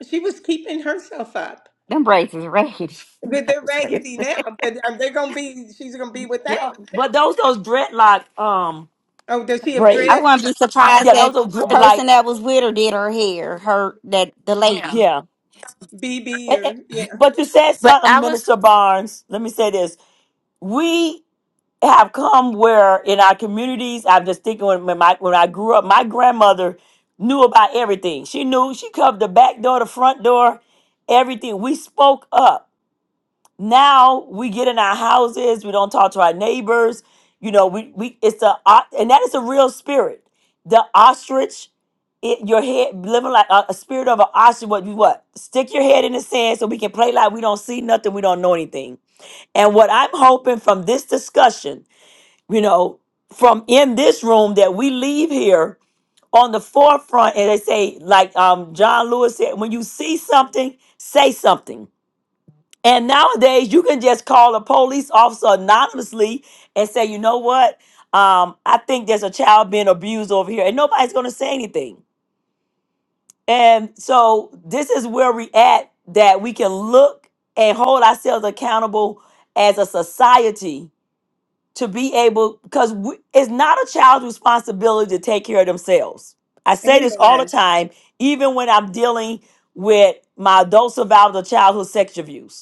Speaker 3: She was keeping herself up.
Speaker 2: Them braids is raggedy.
Speaker 3: But
Speaker 2: Not
Speaker 3: they're
Speaker 2: just braids.
Speaker 3: raggedy now, but um, they're gonna be. She's gonna be without.
Speaker 1: Yeah,
Speaker 3: Them.
Speaker 1: but those those dreadlock um
Speaker 3: Oh, does she have
Speaker 2: I
Speaker 1: braids.
Speaker 3: dreads?
Speaker 2: wouldn't be surprised
Speaker 1: Yeah, those
Speaker 2: that
Speaker 1: those dreadlock.
Speaker 2: person that was with her did her hair. Her that the lady.
Speaker 1: Yeah.
Speaker 3: B B
Speaker 1: And- and-
Speaker 3: or yeah?
Speaker 1: But you said
Speaker 10: But
Speaker 1: something,
Speaker 10: I was.
Speaker 1: Minister Barnes. Let me say this. We have come where in our communities, I'm just thinking when when my, when I grew up, my grandmother knew about everything. She knew, she covered the back door, the front door, everything. We spoke up now we get in our houses we don't talk to our neighbors you know we, we it's a o- and that is a real spirit the ostrich it, your head living like a, a spirit of an ostrich what you what stick your head in the sand so we can play like we don't see nothing we don't know anything and what i'm hoping from this discussion you know from in this room that we leave here on the forefront and they say like um john lewis said when you see something say something and nowadays, you can just call a police officer anonymously and say, you know what? Um, I think there's a child being abused over here, and nobody's going to say anything. And so, this is where we at that we can look and hold ourselves accountable as a society to be able, because it's not a child's responsibility to take care of themselves. I say this all the
Speaker 3: Amen.
Speaker 1: time, even when I'm dealing with my adult survivors of childhood sexual abuse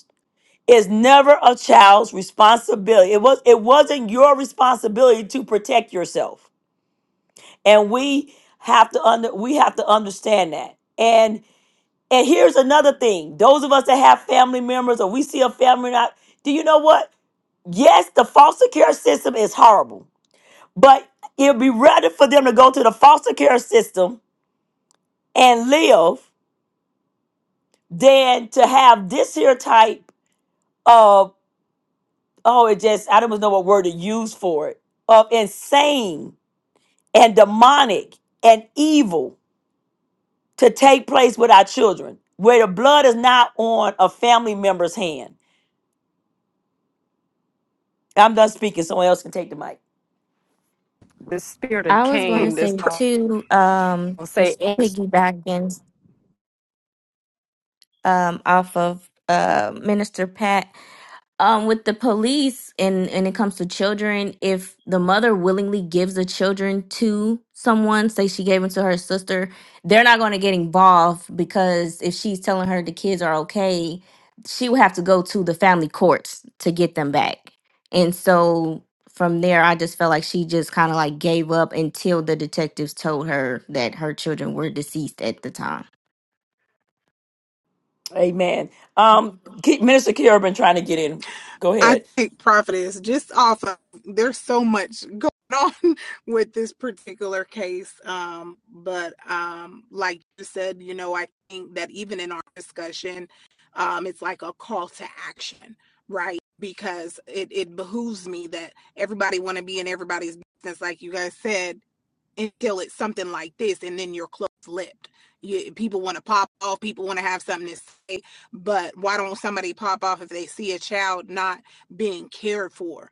Speaker 1: is never a child's responsibility. It was it wasn't your responsibility to protect yourself. And we have to under we have to understand that. And and here's another thing. Those of us that have family members or we see a family not do you know what? Yes, the foster care system is horrible. But it'd be rather for them to go to the foster care system and live than to have this here type oh, it just, I don't even know what word to use for it, of insane and demonic and evil to take place with our children, where the blood is not on a family member's hand. I'm done speaking. Someone else can take the mic.
Speaker 8: The spirit of
Speaker 10: I was going
Speaker 11: Mm,
Speaker 10: to
Speaker 8: Cain
Speaker 10: say
Speaker 8: is
Speaker 11: pr-
Speaker 8: all
Speaker 10: too, um,
Speaker 8: I'll say.
Speaker 10: just piggybacking um, off of uh, Minister Pat um with the police and and it comes to children if the mother willingly gives the children to someone say she gave them to her sister they're not going to get involved because if she's telling her the kids are okay she would have to go to the family courts to get them back and so from there i just felt like she just kind of like gave up until the detectives told her that her children were deceased at the time
Speaker 1: Amen. Um, Ke- Minister Kira been trying to get in. Go
Speaker 11: I
Speaker 1: ahead.
Speaker 11: think prophetess just off of there's so much going on with this particular case um but um like you said you know I think that even in our discussion um it's like a call to action right because it it behooves me that everybody want to be in everybody's business like you guys said until it's something like this and then you're close-lipped you, people want to pop off people want to have something to say but why don't somebody pop off if they see a child not being cared for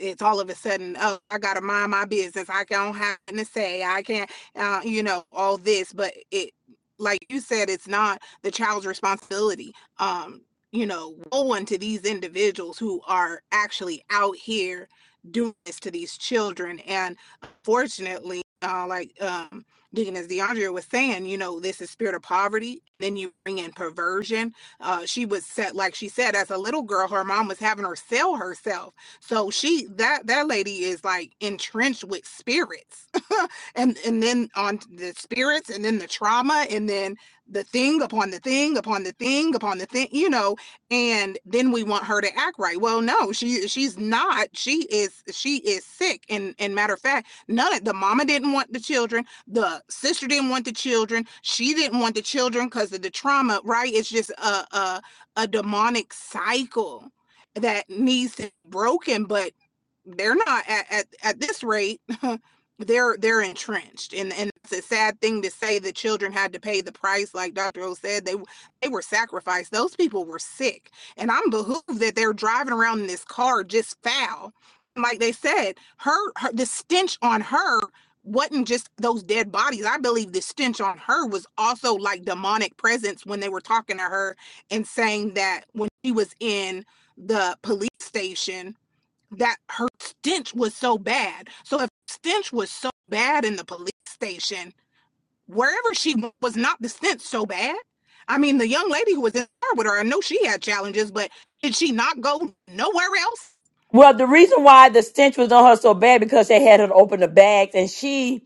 Speaker 11: it's all of a sudden oh i gotta mind my business i don't have nothing to say i can't uh, you know all this but it like you said it's not the child's responsibility um you know woe unto these individuals who are actually out here doing this to these children and unfortunately, uh like um deaconess deandra was saying you know this is spirit of poverty then you bring in perversion uh she was set like she said as a little girl her mom was having her sell herself so she that that lady is like entrenched with spirits. and and then on the spirits and then the trauma and then the thing upon the thing upon the thing upon the thing, you know, and then we want her to act right. Well, no, she she's not. She is she is sick. And and matter of fact, none of the mama didn't want the children, the sister didn't want the children, she didn't want the children because of the trauma, right? It's just a a, a demonic cycle that needs to be broken, but they're not at, at, at this rate. they're they're entrenched and and it's a sad thing to say the children had to pay the price like dr o said they they were sacrificed those people were sick and i'm behooved that they're driving around in this car just foul like they said her, her the stench on her wasn't just those dead bodies i believe the stench on her was also like demonic presence when they were talking to her and saying that when she was in the police station that her stench was so bad. So if stench was so bad in the police station, wherever she was not the stench so bad. I mean, the young lady who was in there with her, I know she had challenges, but did she not go nowhere else?
Speaker 1: Well, the reason why the stench was on her so bad because they had her open the bags, and she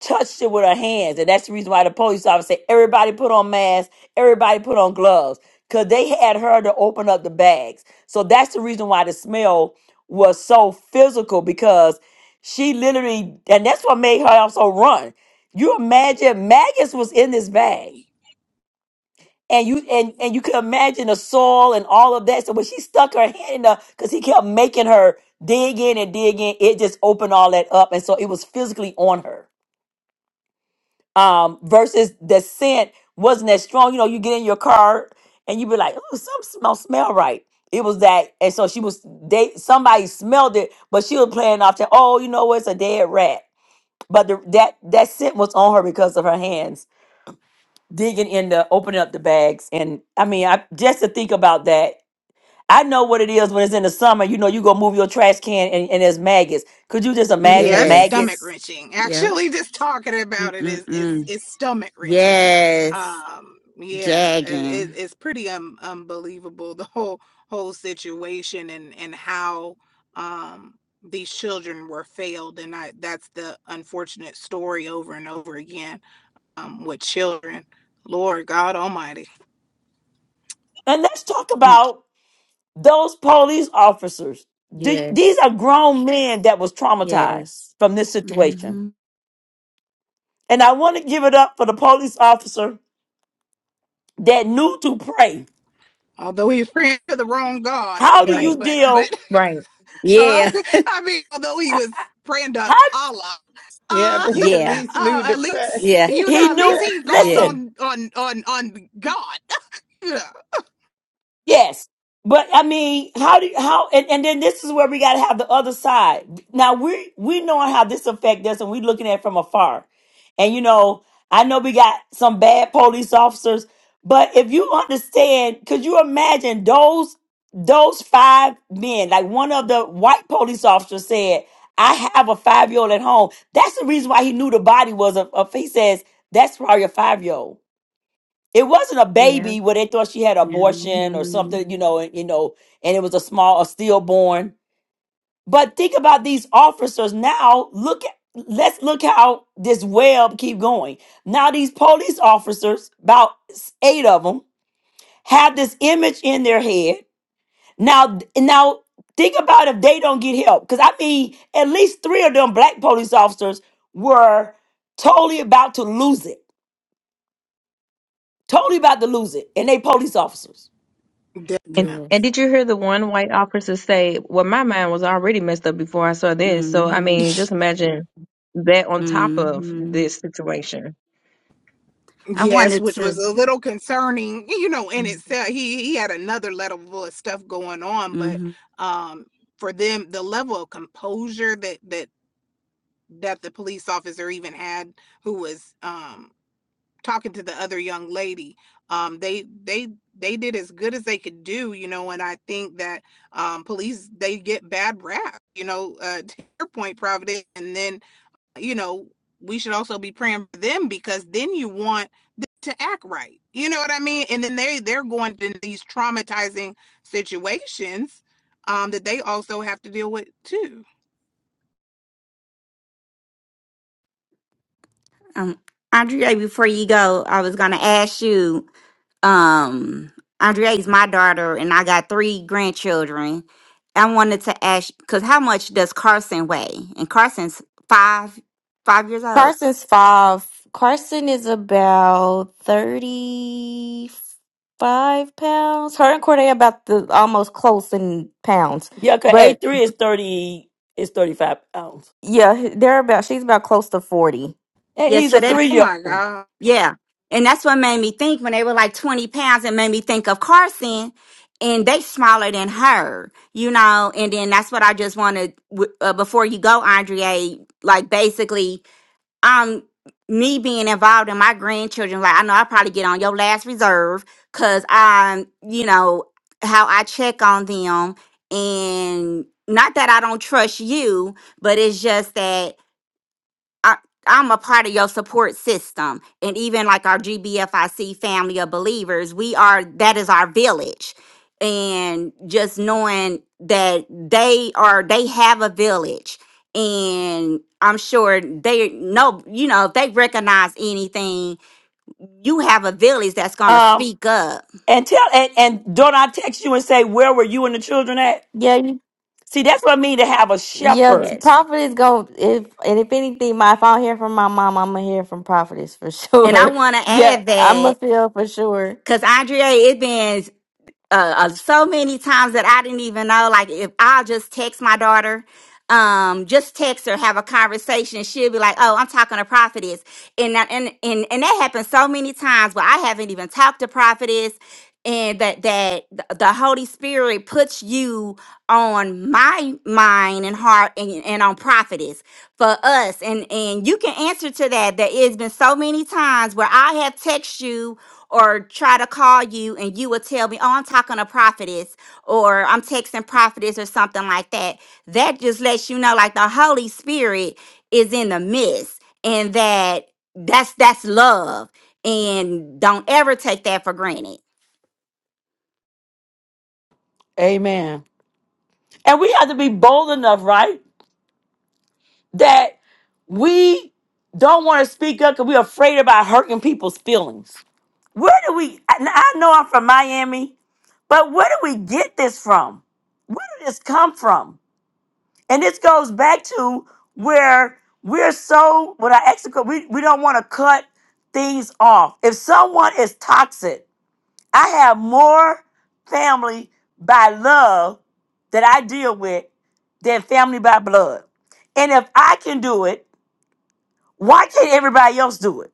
Speaker 1: touched it with her hands. And that's the reason why the police officer said, everybody put on masks, everybody put on gloves, because they had her to open up the bags. So that's the reason why the smell was so physical because she literally, and that's what made her also run. You imagine maggots was in this bag. And you and, and you could imagine the soil and all of that. So when she stuck her hand in the because he kept making her dig in and dig in, it just opened all that up. And so it was physically on her um, versus the scent wasn't as strong. You know, you get in your car and you be like, "Oh, some smell smell right." It was that, and so she was. They somebody smelled it, but she was playing off to, "Oh, you know, it's a dead rat." But the, that that scent was on her because of her hands digging in the opening up the bags, and I mean, I just to think about that. I know what it is when it's in the summer. You know, you go move your trash can and, and there's maggots. Could you just imagine
Speaker 11: Yes,
Speaker 2: Yes.
Speaker 11: stomach
Speaker 1: maggots
Speaker 11: wrenching.
Speaker 2: Yep.
Speaker 11: Actually, just talking about it is is
Speaker 2: Mm-mm-mm.
Speaker 11: is stomach wrenching.
Speaker 2: Yes.
Speaker 11: Um, yeah, it, it,
Speaker 2: Gagging.
Speaker 11: it's pretty um unbelievable the whole whole situation and and how um these children were failed, and I that's the unfortunate story over and over again um with children. Lord God Almighty.
Speaker 1: And let's talk
Speaker 2: Mm,
Speaker 1: about those police officers. Th- These
Speaker 2: Yes.
Speaker 1: are grown men that was traumatized
Speaker 2: Yes.
Speaker 1: from this situation.
Speaker 2: hmm
Speaker 1: And I want to give it up for the police officer that knew to pray.
Speaker 11: Although he was praying to the wrong God, I
Speaker 1: How do
Speaker 11: mean,
Speaker 4: right,
Speaker 1: you
Speaker 11: but but
Speaker 1: deal?
Speaker 4: right.
Speaker 11: um,
Speaker 2: Yeah.
Speaker 11: I mean, although he was praying to
Speaker 1: How
Speaker 11: Allah.
Speaker 3: Yeah,
Speaker 11: Uh,
Speaker 3: but he at
Speaker 2: Yeah.
Speaker 3: least
Speaker 11: Uh,
Speaker 3: knew to
Speaker 11: at
Speaker 3: pray.
Speaker 11: least
Speaker 2: Yeah.
Speaker 11: you
Speaker 1: he
Speaker 11: know. At least
Speaker 1: knew.
Speaker 11: he called
Speaker 2: Yeah.
Speaker 1: Listen,
Speaker 11: on on on on God. Yeah,
Speaker 1: Yes. But I mean, how do you, how and, and then this is where we gotta have the other side. Now we we knowing how this affect us and we looking at it from afar. And you know, I know we got some bad police officers, but if you understand, could you imagine those those five men, like one of the white police officers said, I have a five year old at home. That's the reason why he knew the body was a, a he says, that's probably a five year old it wasn't a
Speaker 2: Yeah.
Speaker 1: baby where they thought she had
Speaker 2: Mm
Speaker 1: abortion or
Speaker 2: hmm
Speaker 1: something, you know, and, you know, and it was a small, a stillborn. But think about these officers now. Look at let's look how this web keep going. Now these police officers, about s- eight of them, have this image in their head. Now, now think about if they don't get help, because I mean, at least three of them black police officers were totally about to lose it, totally about to lose it, and they police officers.
Speaker 4: And
Speaker 11: definitely.
Speaker 4: and
Speaker 2: Yes.
Speaker 4: did you hear the one white officer say, "Well, my mind was already messed up before I saw
Speaker 2: Mm
Speaker 4: this." So I
Speaker 2: hmm
Speaker 4: mean, just imagine that on top
Speaker 2: Mm
Speaker 4: of
Speaker 2: hmm
Speaker 4: this situation.
Speaker 2: I
Speaker 11: Yes,
Speaker 2: wanted
Speaker 11: which was
Speaker 2: to.
Speaker 11: a little concerning, you know, in
Speaker 2: Mm
Speaker 11: itself. He he had another level of stuff going on, but
Speaker 2: hmm
Speaker 11: um, for them, the level of composure that that that the police officer even had, who was um talking to the other young lady um they they they did as good as they could do you know and i think that um police they get bad rap you know uh to your point providence and then you know we should also be praying for them because then you want them to act right you know what i mean and then they they're going to these traumatizing situations um that they also have to deal with too
Speaker 2: Um, Andrea, before you go, I was going to ask you um Andrea is my daughter and I got three grandchildren. I wanted to ask because how much does Carson weigh? And Carson's five five years old.
Speaker 10: Carson's five. Carson is about thirty-five pounds. Her and Corday about the almost close in pounds,
Speaker 1: Yeah, cause A
Speaker 10: but
Speaker 1: three is thirty is thirty five pounds,
Speaker 10: yeah, they're about. She's about close to forty.
Speaker 1: and
Speaker 2: Yes,
Speaker 1: he's
Speaker 2: so
Speaker 1: a
Speaker 2: that
Speaker 1: three
Speaker 11: oh
Speaker 1: year
Speaker 11: my
Speaker 1: old.
Speaker 11: god
Speaker 2: yeah. And that's what made me think when they were like 20 pounds, it made me think of Carson and they smaller than her, you know. And then that's what I just wanted w- uh, before you go, Andrea, like basically um me being involved in my grandchildren like i know i probably get on your last reserve because i'm you know how i check on them and not that i don't trust you but it's just that I, I'm a part of your support system. And even like our GBFIC family of believers, we are, that is our village. And just knowing that they are, they have a village. And I'm sure they know, you know, if they recognize anything, you have a village that's going to
Speaker 1: Um,
Speaker 2: speak up.
Speaker 1: and tell and, and don't I text you and say where were you and the children at?
Speaker 10: Yeah, you-
Speaker 1: See, that's what I mean to have a
Speaker 10: yeah.
Speaker 1: shepherd.
Speaker 2: Yes.
Speaker 10: Prophet is going. If and if anything, my if I don't hear from my mom, I'm gonna hear from Prophetess for
Speaker 2: And I
Speaker 10: sure.
Speaker 2: want to
Speaker 10: yeah,
Speaker 2: add
Speaker 10: I'm gonna
Speaker 2: that
Speaker 10: feel for sure.
Speaker 2: because Andrea, it been uh, uh, so many times that I didn't even know. Like if I just text my daughter, um, just text her, have a conversation, she'll be like, "Oh, I'm talking to prophetess," and that- and and and that happens so many times where I haven't even talked to prophetess. And that that th- the Holy Spirit puts you on my mind and heart and, and on prophetess for us, and and you can answer to that. There has been so many times where I have texted you or try to call you and you will tell me, oh, I'm talking to prophetess or I'm texting prophetess or something like that. That just lets you know like the Holy Spirit is in the midst and that that's that's love. And don't ever take that for granted.
Speaker 1: Amen. And we have to be bold enough, right? That We don't want to speak up because we're afraid about hurting people's feelings. Where do we, and I know I'm from Miami, but where do we get this from? Where did this come from? And this goes back to where we're so, with our ex, we, we don't want to cut things off. If someone is toxic, I have more family by love that I deal with than family by blood. And if I can do it, why can't everybody else do it?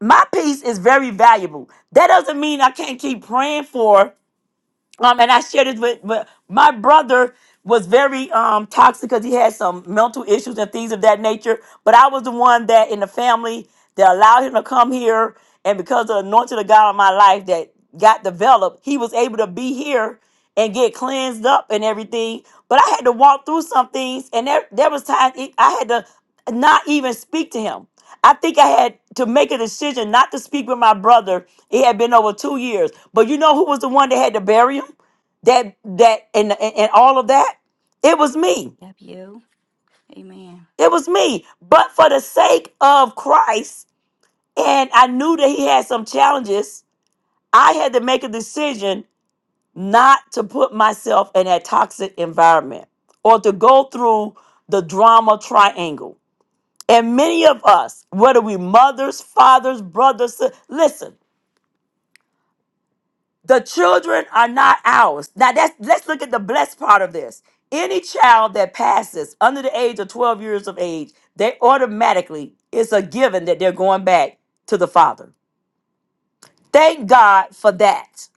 Speaker 1: My peace is very valuable. That doesn't mean I can't keep praying for. Um, and I shared this with, but my brother was very um toxic because he had some mental issues and things of that nature. But I was the one that in the family that allowed him to come here, and because of the anointing of God on my life that got developed, he was able to be here and get cleansed up and everything. But I had to walk through some things, and there there was times it- I had to not even speak to him I think I had to make a decision not to speak with my brother. It had been over two years. But you know who was the one that had to bury him? That that and and, and all of that? It was me.
Speaker 2: Yep, you. Amen.
Speaker 1: It was me. But for the sake of Christ, and I knew that he had some challenges, I had to make a decision not to put myself in that toxic environment or to go through the drama triangle. And many of us, whether we mothers, fathers, brothers, si- listen, The children are not ours. Now that's let's look at the blessed part of this. Any child that passes under the age of 12 years of age, they automatically, it's a given that they're going back to the father. Thank God for that.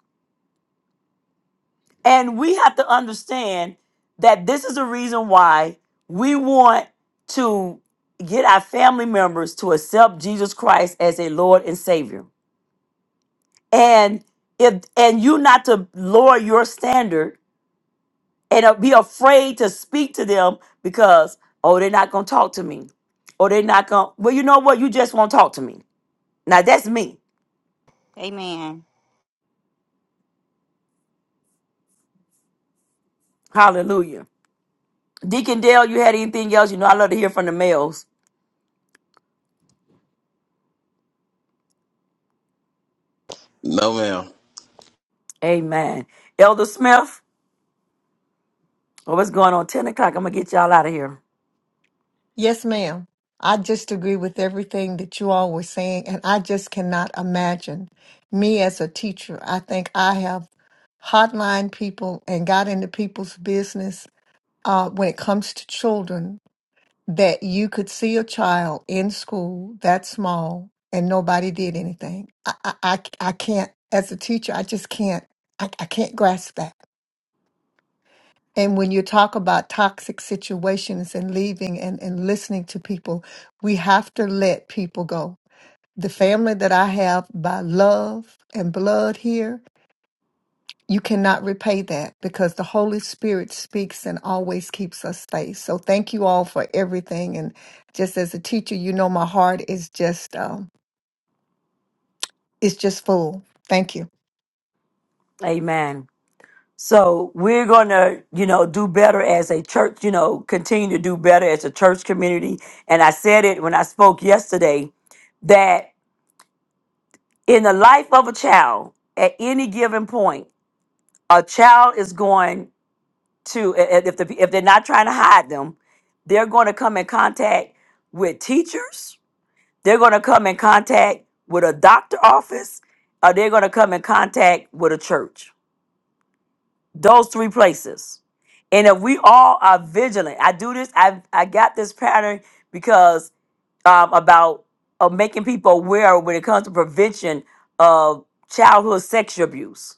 Speaker 1: And we have to understand that this is a reason why we want to get our family members to accept Jesus Christ as a Lord and Savior. And if and you not to lower your standard and uh, be afraid to speak to them because oh they're not gonna talk to me or they're not gonna well you know what you just won't talk to me now that's me
Speaker 2: Amen.
Speaker 1: hallelujah deacon dale you had anything else you know i love to hear from the males
Speaker 7: No, ma'am.
Speaker 1: amen elder smith oh, what's going on 10 o'clock i'm gonna get y'all out of here
Speaker 12: Yes, ma'am. I just agree with everything that you all were saying, and I just cannot imagine me as a teacher. I think I have hotline people and got into people's business uh, when it comes to children that you could see a child in school that small and nobody did anything. I, I, I, I can't, as a teacher, I just can't, I, I can't grasp that. And when you talk about toxic situations and leaving and, and listening to people, we have to let people go. The family that I have by love and blood here, you cannot repay that because the Holy Spirit speaks and always keeps us safe. So thank you all for everything. And just as a teacher, you know my heart is just um, it's just full. Thank you.
Speaker 1: amen so we're gonna you know do better as a church you know continue to do better as a church community and i said it when i spoke yesterday that. in the life of a child at any given point a child is going to i- i- if the, if they're not trying to hide them they're going to come in contact with teachers they're going to come in contact with a doctor office or they're going to come in contact with a church those three places and if we all are vigilant i do this i i got this pattern because um about uh, making people aware when it comes to prevention of childhood sexual abuse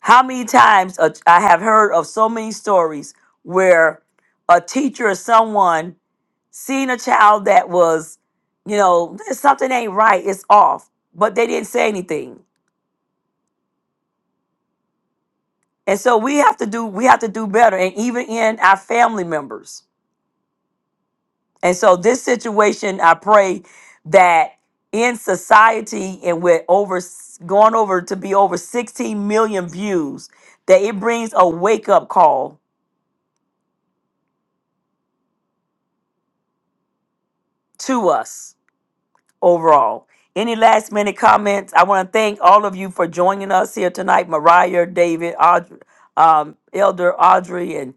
Speaker 1: How many times a- I have heard of so many stories where a teacher or someone seen a child that was, you know, something ain't right, it's off, but they didn't say anything. And so we have to do we have to do better and even in our family members. And so this situation, I pray that in society and with over going over to be over 16 million views, that it brings a wake up call to us overall. Any last minute comments? I want to thank all of you for joining us here tonight. Mariah, David, Audrey, um, Elder Audrey, and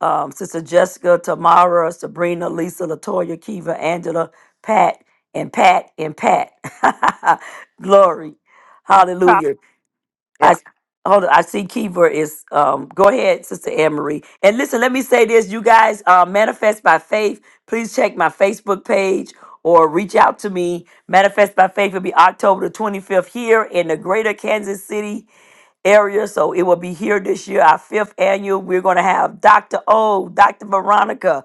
Speaker 1: um, Sister Jessica, Tamara, Sabrina, Lisa, Latoya, Kiva, Angela, Pat, and Pat, and Pat. Glory.
Speaker 9: Pro-
Speaker 1: Hallelujah. I
Speaker 9: yeah.
Speaker 1: hold on. I see Kiva is um go ahead, Sister Anne Marie. And listen, let me say this, you guys, uh, manifest by faith. Please check my Facebook page or reach out to me. Manifest by Faith will be October the 25th here in the greater Kansas City area. So it will be here this year, our fifth annual. We're going to have Dr. O, Dr. Veronica,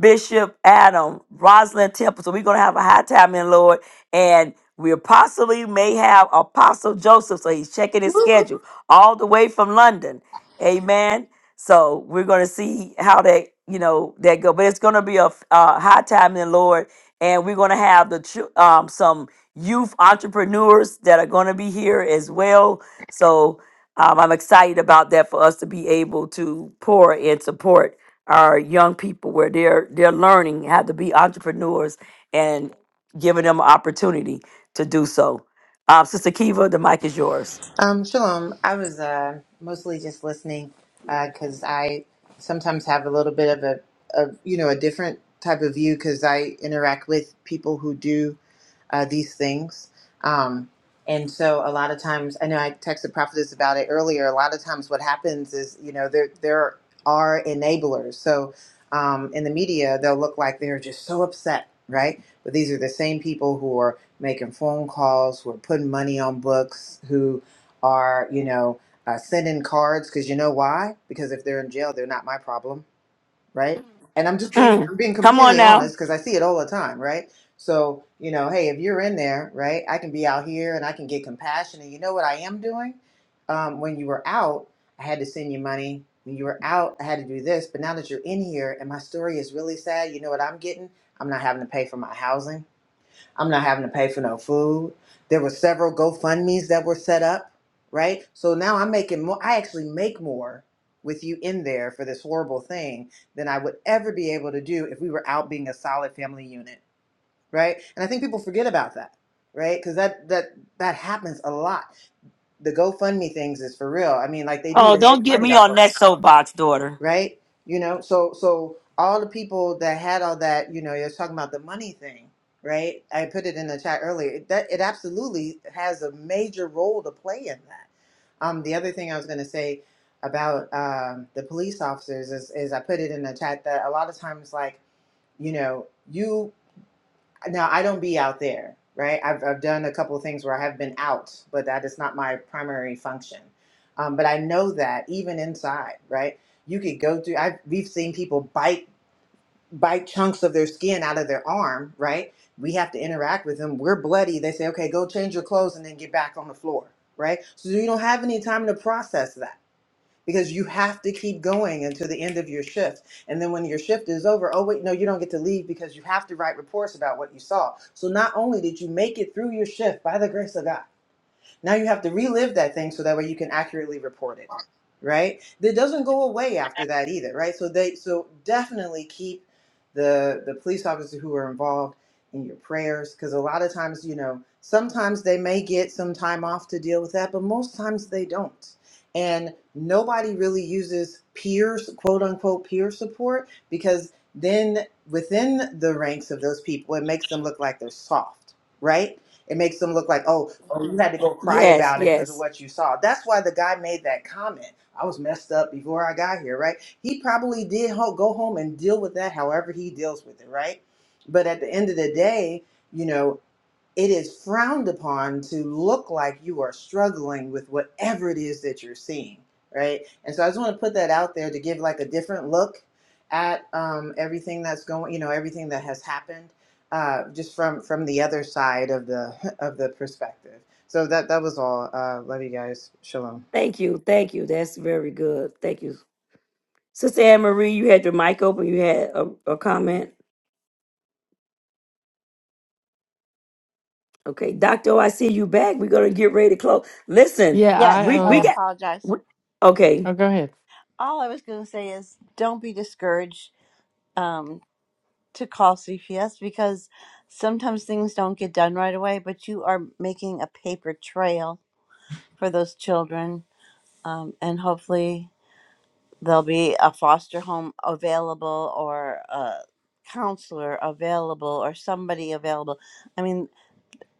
Speaker 1: Bishop Adam, Rosalind Temple. So we're going to have a high time in the Lord. And we possibly may have Apostle Joseph, so he's checking his schedule all the way from London. Amen. So we're going to see how that you know that go, but it's going to be a uh, high time in the Lord, and we're going to have the chil- um, some youth entrepreneurs that are going to be here as well. So um, I'm excited about that for us to be able to pour and support our young people where they're they're learning how to be entrepreneurs and giving them opportunity to do so. Um, Sister Kiva, the mic is yours.
Speaker 13: Um, shalom. I was uh, mostly just listening because I sometimes have a little bit of a, of you know, a different type of view because I interact with people who do uh, these things. Um, and so a lot of times, I know I texted prophetess about it earlier. A lot of times, what happens is, you know, there there are enablers. So um, in the media, they'll look like they're just so upset, right? But these are the same people who are making phone calls, who are putting money on books, who are, you know, uh, sending cards because you know why? Because if they're in jail, they're not my problem, right? And I'm just being
Speaker 1: Mm.
Speaker 13: I'm being
Speaker 1: Come on
Speaker 13: completely
Speaker 1: now.
Speaker 13: honest because I see it all the time, right? So you know, hey, if you're in there, right, I can be out here and I can get compassion. And you know what I am doing? Um, when you were out, I had to send you money. When you were out, I had to do this. But now that you're in here, and my story is really sad, you know what I'm getting? I'm not having to pay for my housing. I'm not having to pay for no food. There were several GoFundMe's that were set up, right? So now I'm making more. I actually make more with you in there for this horrible thing than I would ever be able to do if we were out being a solid family unit, right? And I think people forget about that, right? Because that that that happens a lot. The GoFundMe things is for real. I mean, like they do,
Speaker 1: Oh,
Speaker 13: they
Speaker 1: don't
Speaker 13: make
Speaker 1: get
Speaker 13: money
Speaker 1: me
Speaker 13: off
Speaker 1: on
Speaker 13: of
Speaker 1: that soapbox, daughter.
Speaker 13: right? You know, so so all the people that had all that, you know, you're talking about the money thing, right? I put it in the chat earlier. It, that it absolutely has a major role to play in that. Um, the other thing I was going to say about um, the police officers is, is I put it in the chat that a lot of times, like you know, you now I don't be out there, right? I've I've done a couple of things where I have been out, but that is not my primary function. Um, but I know that even inside, right? You could go through. I've we've seen people bite bite chunks of their skin out of their arm, right? We have to interact with them. We're bloody. They say, okay, go change your clothes and then get back on the floor, right? So you don't have any time to process that because you have to keep going until the end of your shift. And then when your shift is over, oh, wait, no, you don't get to leave because you have to write reports about what you saw. So not only did you make it through your shift by the grace of God, now you have to relive that thing so that way you can accurately report it, right? That doesn't go away after that either, right? So they so definitely keep the the police officers who are involved in your prayers because a lot of times, you know, sometimes they may get some time off to deal with that, but most times they don't. And nobody really uses peers, quote unquote, peer support because then within the ranks of those people, it makes them look like they're soft, right? It makes them look like, oh, oh, you had to go cry
Speaker 1: Yes,
Speaker 13: about it because of
Speaker 1: yes.
Speaker 13: what you saw. That's why the guy made that comment. I was messed up before I got here, right? He probably did ho- go home and deal with that however he deals with it, right? But at the end of the day, you know it is frowned upon to look like you are struggling with whatever it is that you're seeing, right? And so I just want to put that out there to give like a different look at um, everything that's going, you know, everything that has happened, uh, just from from the other side of the of the perspective. So that that was all. Uh, love you guys. Shalom.
Speaker 1: Thank you. Thank you. That's very good. Thank you. Sister Anne Marie, you had your mic open. You had a, a comment. Okay, Doctor, oh, I see you back. We're gonna get ready to close. Listen,
Speaker 8: Yeah,
Speaker 9: yes,
Speaker 8: I
Speaker 1: we
Speaker 9: I
Speaker 1: we
Speaker 8: um.
Speaker 1: got.
Speaker 9: apologize.
Speaker 1: We,
Speaker 8: Oh,
Speaker 1: okay,
Speaker 8: go ahead.
Speaker 9: All I was going to say is, don't be discouraged um, to call CPS because sometimes things don't get done right away, but you are making a paper trail for those children, um, and hopefully. there'll be a foster home available or a counselor available or somebody available. I mean,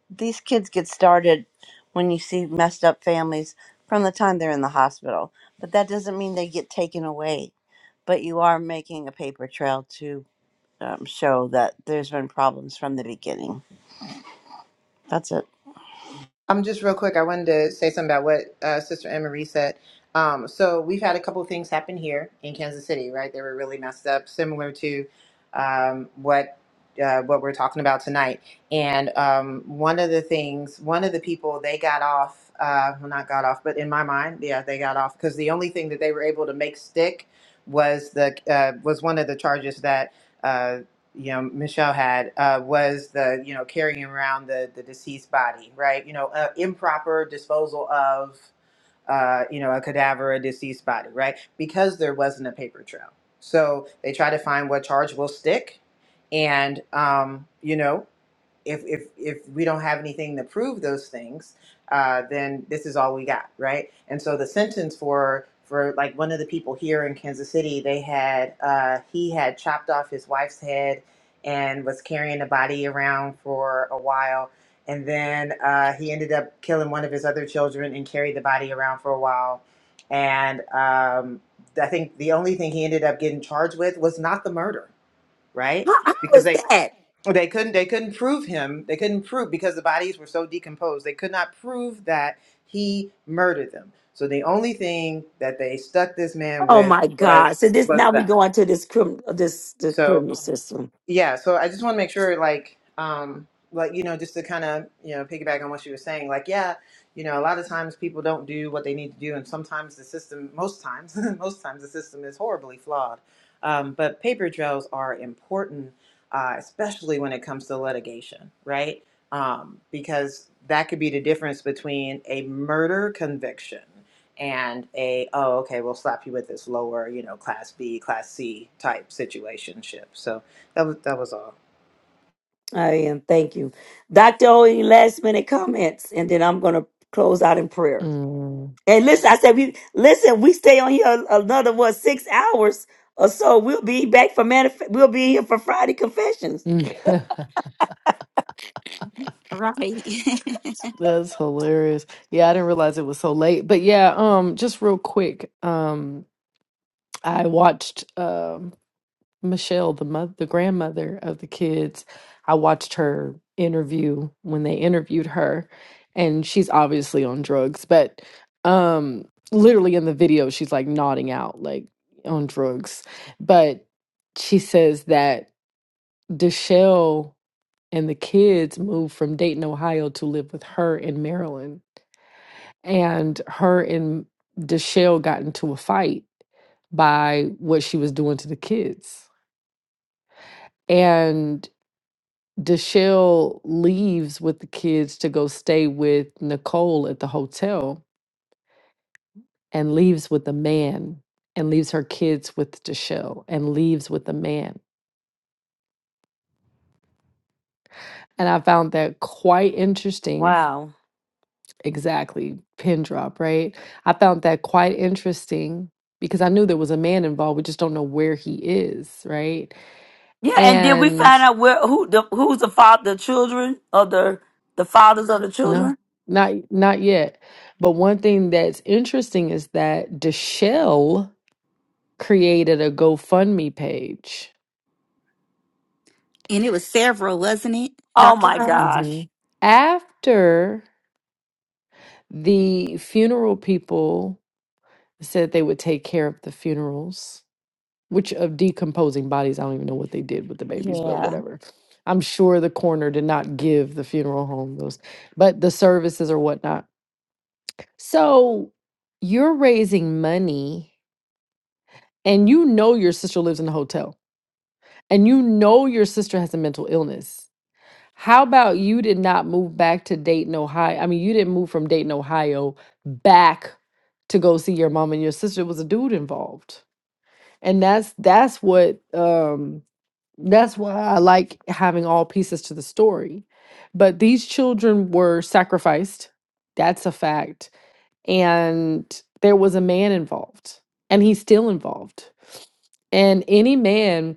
Speaker 9: these kids get started when you see messed up families from the time they're in the hospital, but that doesn't mean they get taken away. But you are making a paper trail to um, show that there's been problems from the beginning. That's
Speaker 13: I'm just real quick. I wanted to say something about what uh, Sister Anne Marie said. Um, so we've had a couple of things happen here in Kansas City, right? They were really messed up, similar to um, what uh, what we're talking about tonight. And um, one of the things, one of the people, they got off. Uh, well, not got off, but in my mind, yeah, they got off because the only thing that they were able to make stick was the uh, was one of the charges that. uh, you know Michelle had uh, was the you know carrying around the the deceased body, right? You know, uh, improper disposal of uh, you know a cadaver, a deceased body, right? Because there wasn't a paper trail, so they try to find what charge will stick, and um, you know if if if we don't have anything to prove those things, uh, then this is all we got, right? And so the sentence for for like one of the people here in Kansas City, they had uh, he had chopped off his wife's head and was carrying the body around for a while, and then uh, he ended up killing one of his other children and carried the body around for a while, and um, I think the only thing he ended up getting charged with was not the murder right?
Speaker 1: how, how was
Speaker 13: Because they
Speaker 1: that?
Speaker 13: they couldn't they couldn't prove him. They couldn't prove because the bodies were so decomposed. They could not prove that he murdered them. So the only thing that they stuck this man
Speaker 1: Oh
Speaker 13: with
Speaker 1: my God!
Speaker 13: was
Speaker 1: So this
Speaker 13: was
Speaker 1: now we
Speaker 13: that.
Speaker 1: go into this criminal this the
Speaker 13: So
Speaker 1: criminal system.
Speaker 13: yeah so i just want to make sure like um like you know just to kind of you know piggyback on what you were saying like yeah you know a lot of times people don't do what they need to do and sometimes the system most times most times the system is horribly flawed um, but paper trails are important uh, especially when it comes to litigation right um, because that could be the difference between a murder conviction and a oh okay we'll slap you with this lower you know class b class c type situationship so that was that was all.
Speaker 1: I am. Thank you, Doctor. O, any last minute comments, and then I'm gonna close out in prayer.
Speaker 8: Mm.
Speaker 1: And listen, I said, we listen. We stay on here another what six hours or so. We'll be back for manif- We'll be here for Friday confessions.
Speaker 2: Right. and
Speaker 8: That's hilarious. Yeah, I didn't realize it was so late. But yeah, um, just real quick, um, I watched um Michelle, the mother, the grandmother of the kids. I watched her interview when they interviewed her, and she's obviously on drugs, but um, literally in the video, she's like nodding out, like on drugs. But she says that Deshelle and the kids moved from Dayton, Ohio, to live with her in Maryland and her and Deshelle got into a fight by what she was doing to the kids. And Deshelle leaves with the kids to go stay with Nicole at the hotel and leaves with a man and leaves her kids with Deshelle and leaves with a man. And I found that quite interesting.
Speaker 1: Wow.
Speaker 8: Exactly, pin drop, right? I found that quite interesting because I knew there was a man involved. We just don't know where he is, right?
Speaker 1: Yeah, and did we
Speaker 8: And
Speaker 1: find out where who the who's the father, the children of the the fathers of the
Speaker 8: no,
Speaker 1: children.
Speaker 8: not not yet. But one thing that's interesting is that Deshelle created a GoFundMe page
Speaker 2: it was several, wasn't it,
Speaker 1: Oh
Speaker 2: Dr.
Speaker 1: my
Speaker 2: Carter?
Speaker 1: gosh,
Speaker 8: Mhm. after the funeral people said they would take care of the funerals, which of decomposing bodies, I don't even know what they did with the babies, but
Speaker 2: Yeah.
Speaker 8: whatever. I'm sure the coroner did not give the funeral home those, but the services or whatnot. So you're raising money and you know your sister lives in a hotel and you know your sister has a mental illness how about you did not move back to dayton ohio i mean you didn't move from dayton ohio back to go see your mom and your sister It was a dude involved and that's that's what um that's why i like having all pieces to the story but these children were sacrificed that's a fact and there was a man involved and he's still involved and any man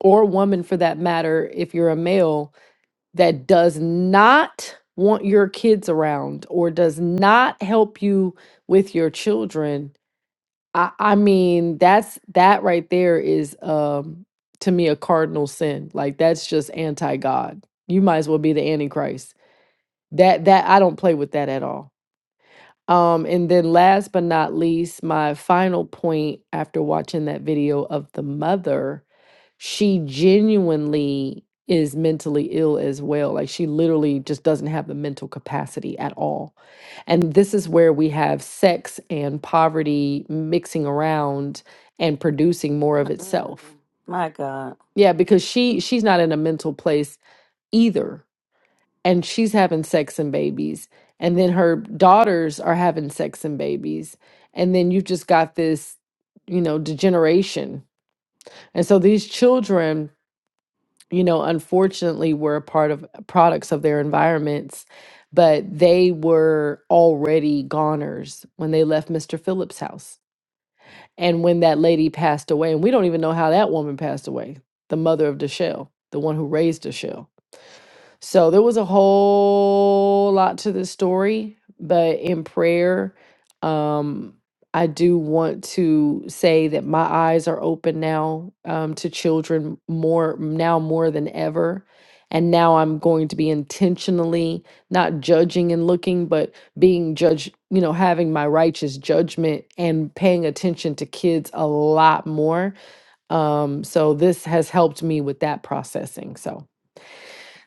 Speaker 8: or woman for that matter, if you're a male that does not want your kids around or does not help you with your children, I, I mean, that's that right there is um to me a cardinal sin. Like that's just anti-God. You might as well be the antichrist. That that I don't play with that at all. Um, and then last but not least, my final point after watching that video of the mother she genuinely is mentally ill as well. Like she literally just doesn't have the mental capacity at all. And this is where we have sex and poverty mixing around and producing more of itself.
Speaker 1: Mm-mm-mm. my God.
Speaker 8: Yeah, because she she's not in a mental place either. And she's having sex and babies. And then her daughters are having sex and babies. And then you've just got this, you know, degeneration. And so these children you know, unfortunately were a part of uh, products of their environments, but they were already goners when they left Mr. Phillips' house. And when that lady passed away, and we don't even know how that woman passed away, the mother of Deshelle, the one who raised Deshelle so there was a whole lot to this story, but in prayer, um, I do want to say that my eyes are open now um, to children more now more than ever. And now I'm going to be intentionally not judging and looking, but being judged, you know, having my righteous judgment and paying attention to kids a lot more. Um, so this has helped me with that processing. So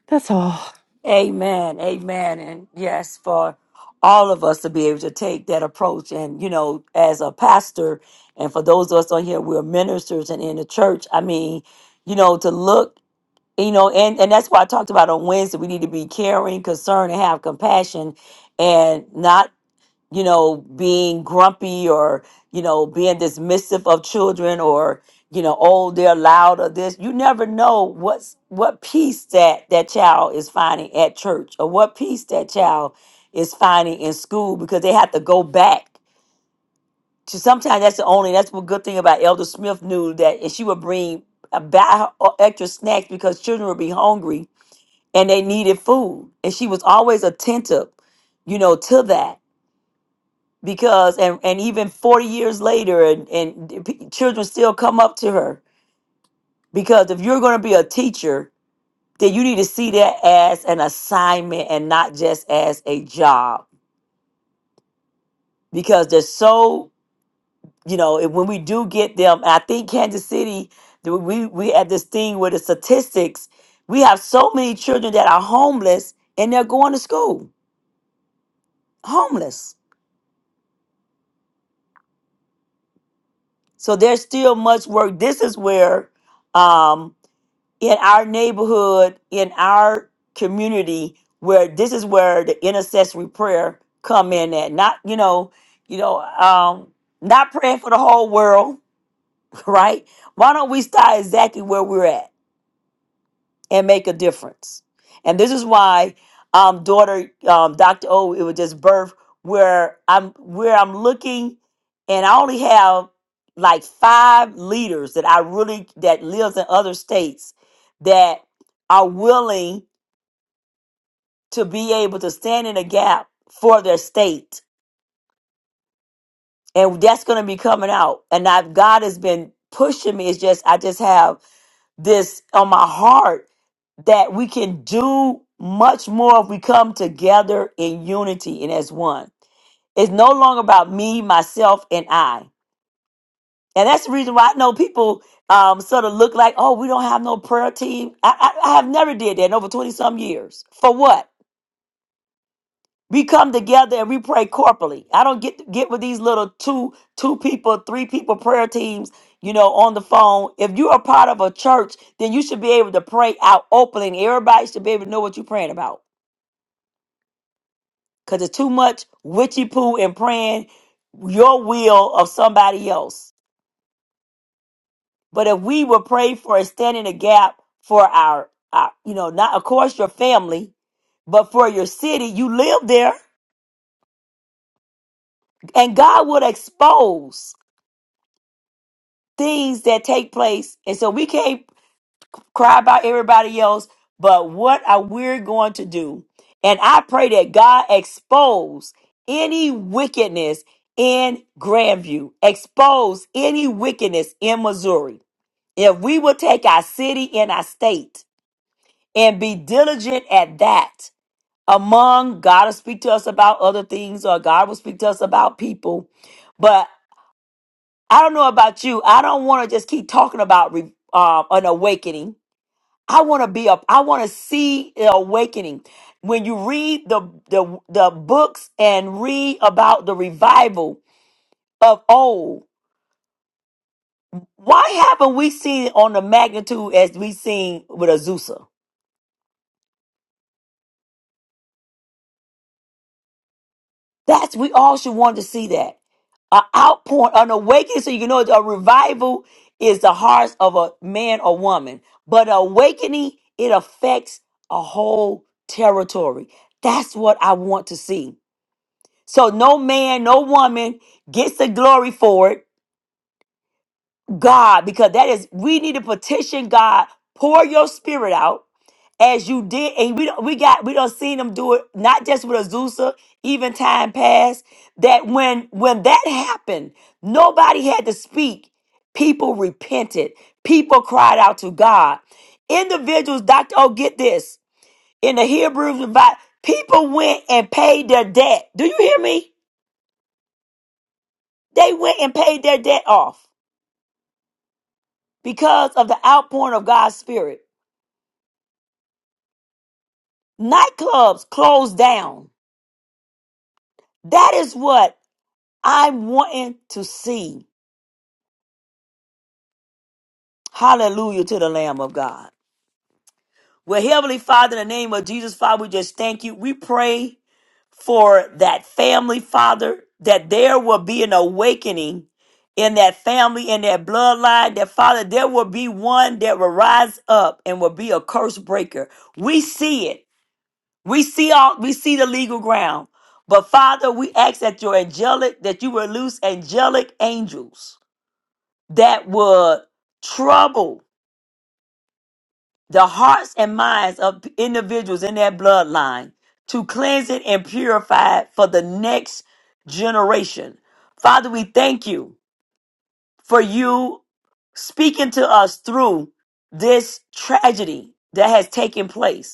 Speaker 8: that's all.
Speaker 1: Amen. Amen. And yes, for all of us to be able to take that approach. And, you know, as a pastor, and for those of us on here, we're ministers and in the church. I mean, you know, to look, you know, and, and that's why I talked about on Wednesday, we need to be caring, concerned, and have compassion and not you know, being grumpy or, you know, being dismissive of children or, you know, oh, they're loud or this. You never know what's what peace that that child is finding at church or what peace that child is finding in school because they have to go back to sometimes that's the only that's one good thing about Elder Smith knew that and she would bring a about extra snacks because children would be hungry and they needed food. And she was always attentive, you know, to that because and and even 40 years later and and p- children still come up to her because if you're going to be a teacher then you need to see that as an assignment and not just as a job because they're so you know and when we do get them and i think kansas city the- we we had this thing with the statistics we have so many children that are homeless and they're going to school homeless so there's still much work this is where um in our neighborhood, in our community, where this is where the intercessory prayer come in at. Not, you know, you know, um, not praying for the whole world, right? Why don't we start exactly where we're at? and make a difference. And this is why, um, daughter, um, Dr. O, it was just birth where I'm where I'm looking, and I only have like five leaders that I really that lives in other states that are willing to be able to stand in a gap for their state and that's going to be coming out. And I've, God has been pushing me. It's just I just have this on my heart that we can do much more if we come together in unity and as one. It's no longer about me, myself, and I. And that's the reason why I know people um, sort of look like, oh, we don't have no prayer team. I, I, I have never did that in over 20 some years. For what? We come together and we pray corporately. I don't get get with these little two two people, three people prayer teams, you know, on the phone. If you are part of a church, then you should be able to pray out openly. And everybody should be able to know what you're praying about. Cause it's too much witchy poo and praying your will of somebody else. But if we would pray for a standing a gap for our, our, you know, not of course your family, but for your city, you live there, and God would expose. things that take place. And so we can't cry about everybody else, but what are we going to do? And I pray that God expose any wickedness in Grandview, expose any wickedness in Missouri. If we will take our city and our state and be diligent at that, among God will speak to us about other things or God will speak to us about people. But I don't know about you. I don't want to just keep talking about re- um, an awakening. I want to be up. I want to see the awakening. When you read the, the the books and read about the revival of old, why haven't we seen it on the magnitude as we seen with Azusa? That's we all should want to see that. An outpouring, an awakening, so you can know a revival is the hearts of a man or woman. But awakening, it affects a whole territory. That's what I want to see. So no man, no woman gets the glory for it God, because that is we need to petition God, pour your spirit out as you did, and we don't we got we don't seen them do it not just with Azusa, even time past. That when when that happened, nobody had to speak. People repented. People cried out to God. Individuals, Doctor, oh get this in the Hebrews, revi- people went and paid their debt. Do you hear me? They went and paid their debt off because of the outpouring of God's spirit. Nightclubs closed down. That is what I'm wanting to see. Hallelujah to the Lamb of God. Well, Heavenly Father, in the name of Jesus, Father, we just thank you. We pray for that family, Father, that there will be an awakening in that family, in that bloodline, that Father, there will be one that will rise up and will be a curse breaker. We see it. We see all we see the legal ground. But Father, we ask that your angelic, that you will loose angelic angels that would trouble the hearts and minds of individuals in that bloodline to cleanse it and purify it for the next generation. Father, we thank you for you speaking to us through this tragedy that has taken place.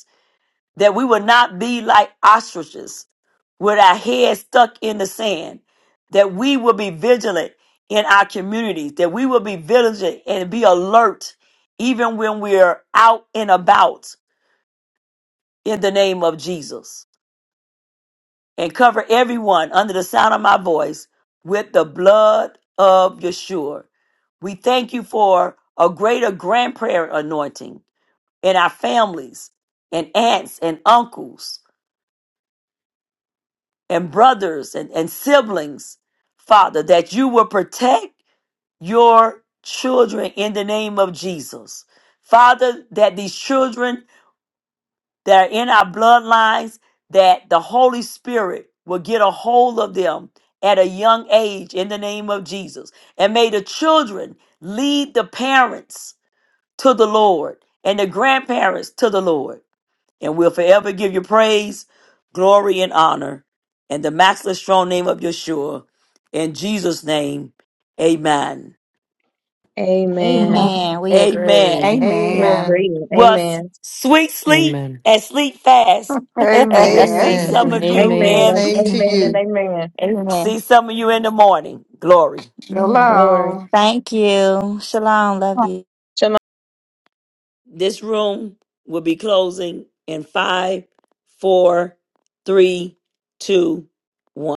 Speaker 1: that we would not be like ostriches with our heads stuck in the sand, that we will be vigilant in our communities, that we will be vigilant and be alert even when we're out and about in the name of Jesus. And cover everyone under the sound of my voice with the blood of Yeshua. We thank you for a greater grand prayer anointing in our families and aunts and uncles and brothers and, and siblings, Father, that you will protect your children in the name of Jesus. Father, that these children that are in our bloodlines, that the Holy Spirit will get a hold of them at a young age in the name of Jesus. And may the children lead the parents to the Lord and the grandparents to the Lord and we'll forever give you praise, glory, and honor in the matchless strong name of Yeshua. In Jesus' name, amen.
Speaker 9: it.
Speaker 4: Amen.
Speaker 2: Amen. We
Speaker 1: Amen.
Speaker 2: agree.
Speaker 4: Let's
Speaker 11: Amen.
Speaker 12: Amen.
Speaker 4: read. it.
Speaker 1: Well, s-
Speaker 4: Amen.
Speaker 1: sweet sleep
Speaker 8: Amen.
Speaker 1: and sleep fast. We'll
Speaker 11: Amen.
Speaker 1: see
Speaker 12: Amen.
Speaker 1: some of
Speaker 4: Amen.
Speaker 1: you
Speaker 8: Amen.
Speaker 4: Amen.
Speaker 1: in
Speaker 12: Same to
Speaker 4: Amen and
Speaker 12: you.
Speaker 2: Amen.
Speaker 4: amen.
Speaker 1: see some of you in the morning. Glory.
Speaker 2: Amen.
Speaker 11: Shalom.
Speaker 4: Glory.
Speaker 2: Thank you. Shalom. Love you.
Speaker 1: This room will be closing in five, four, three, two, one.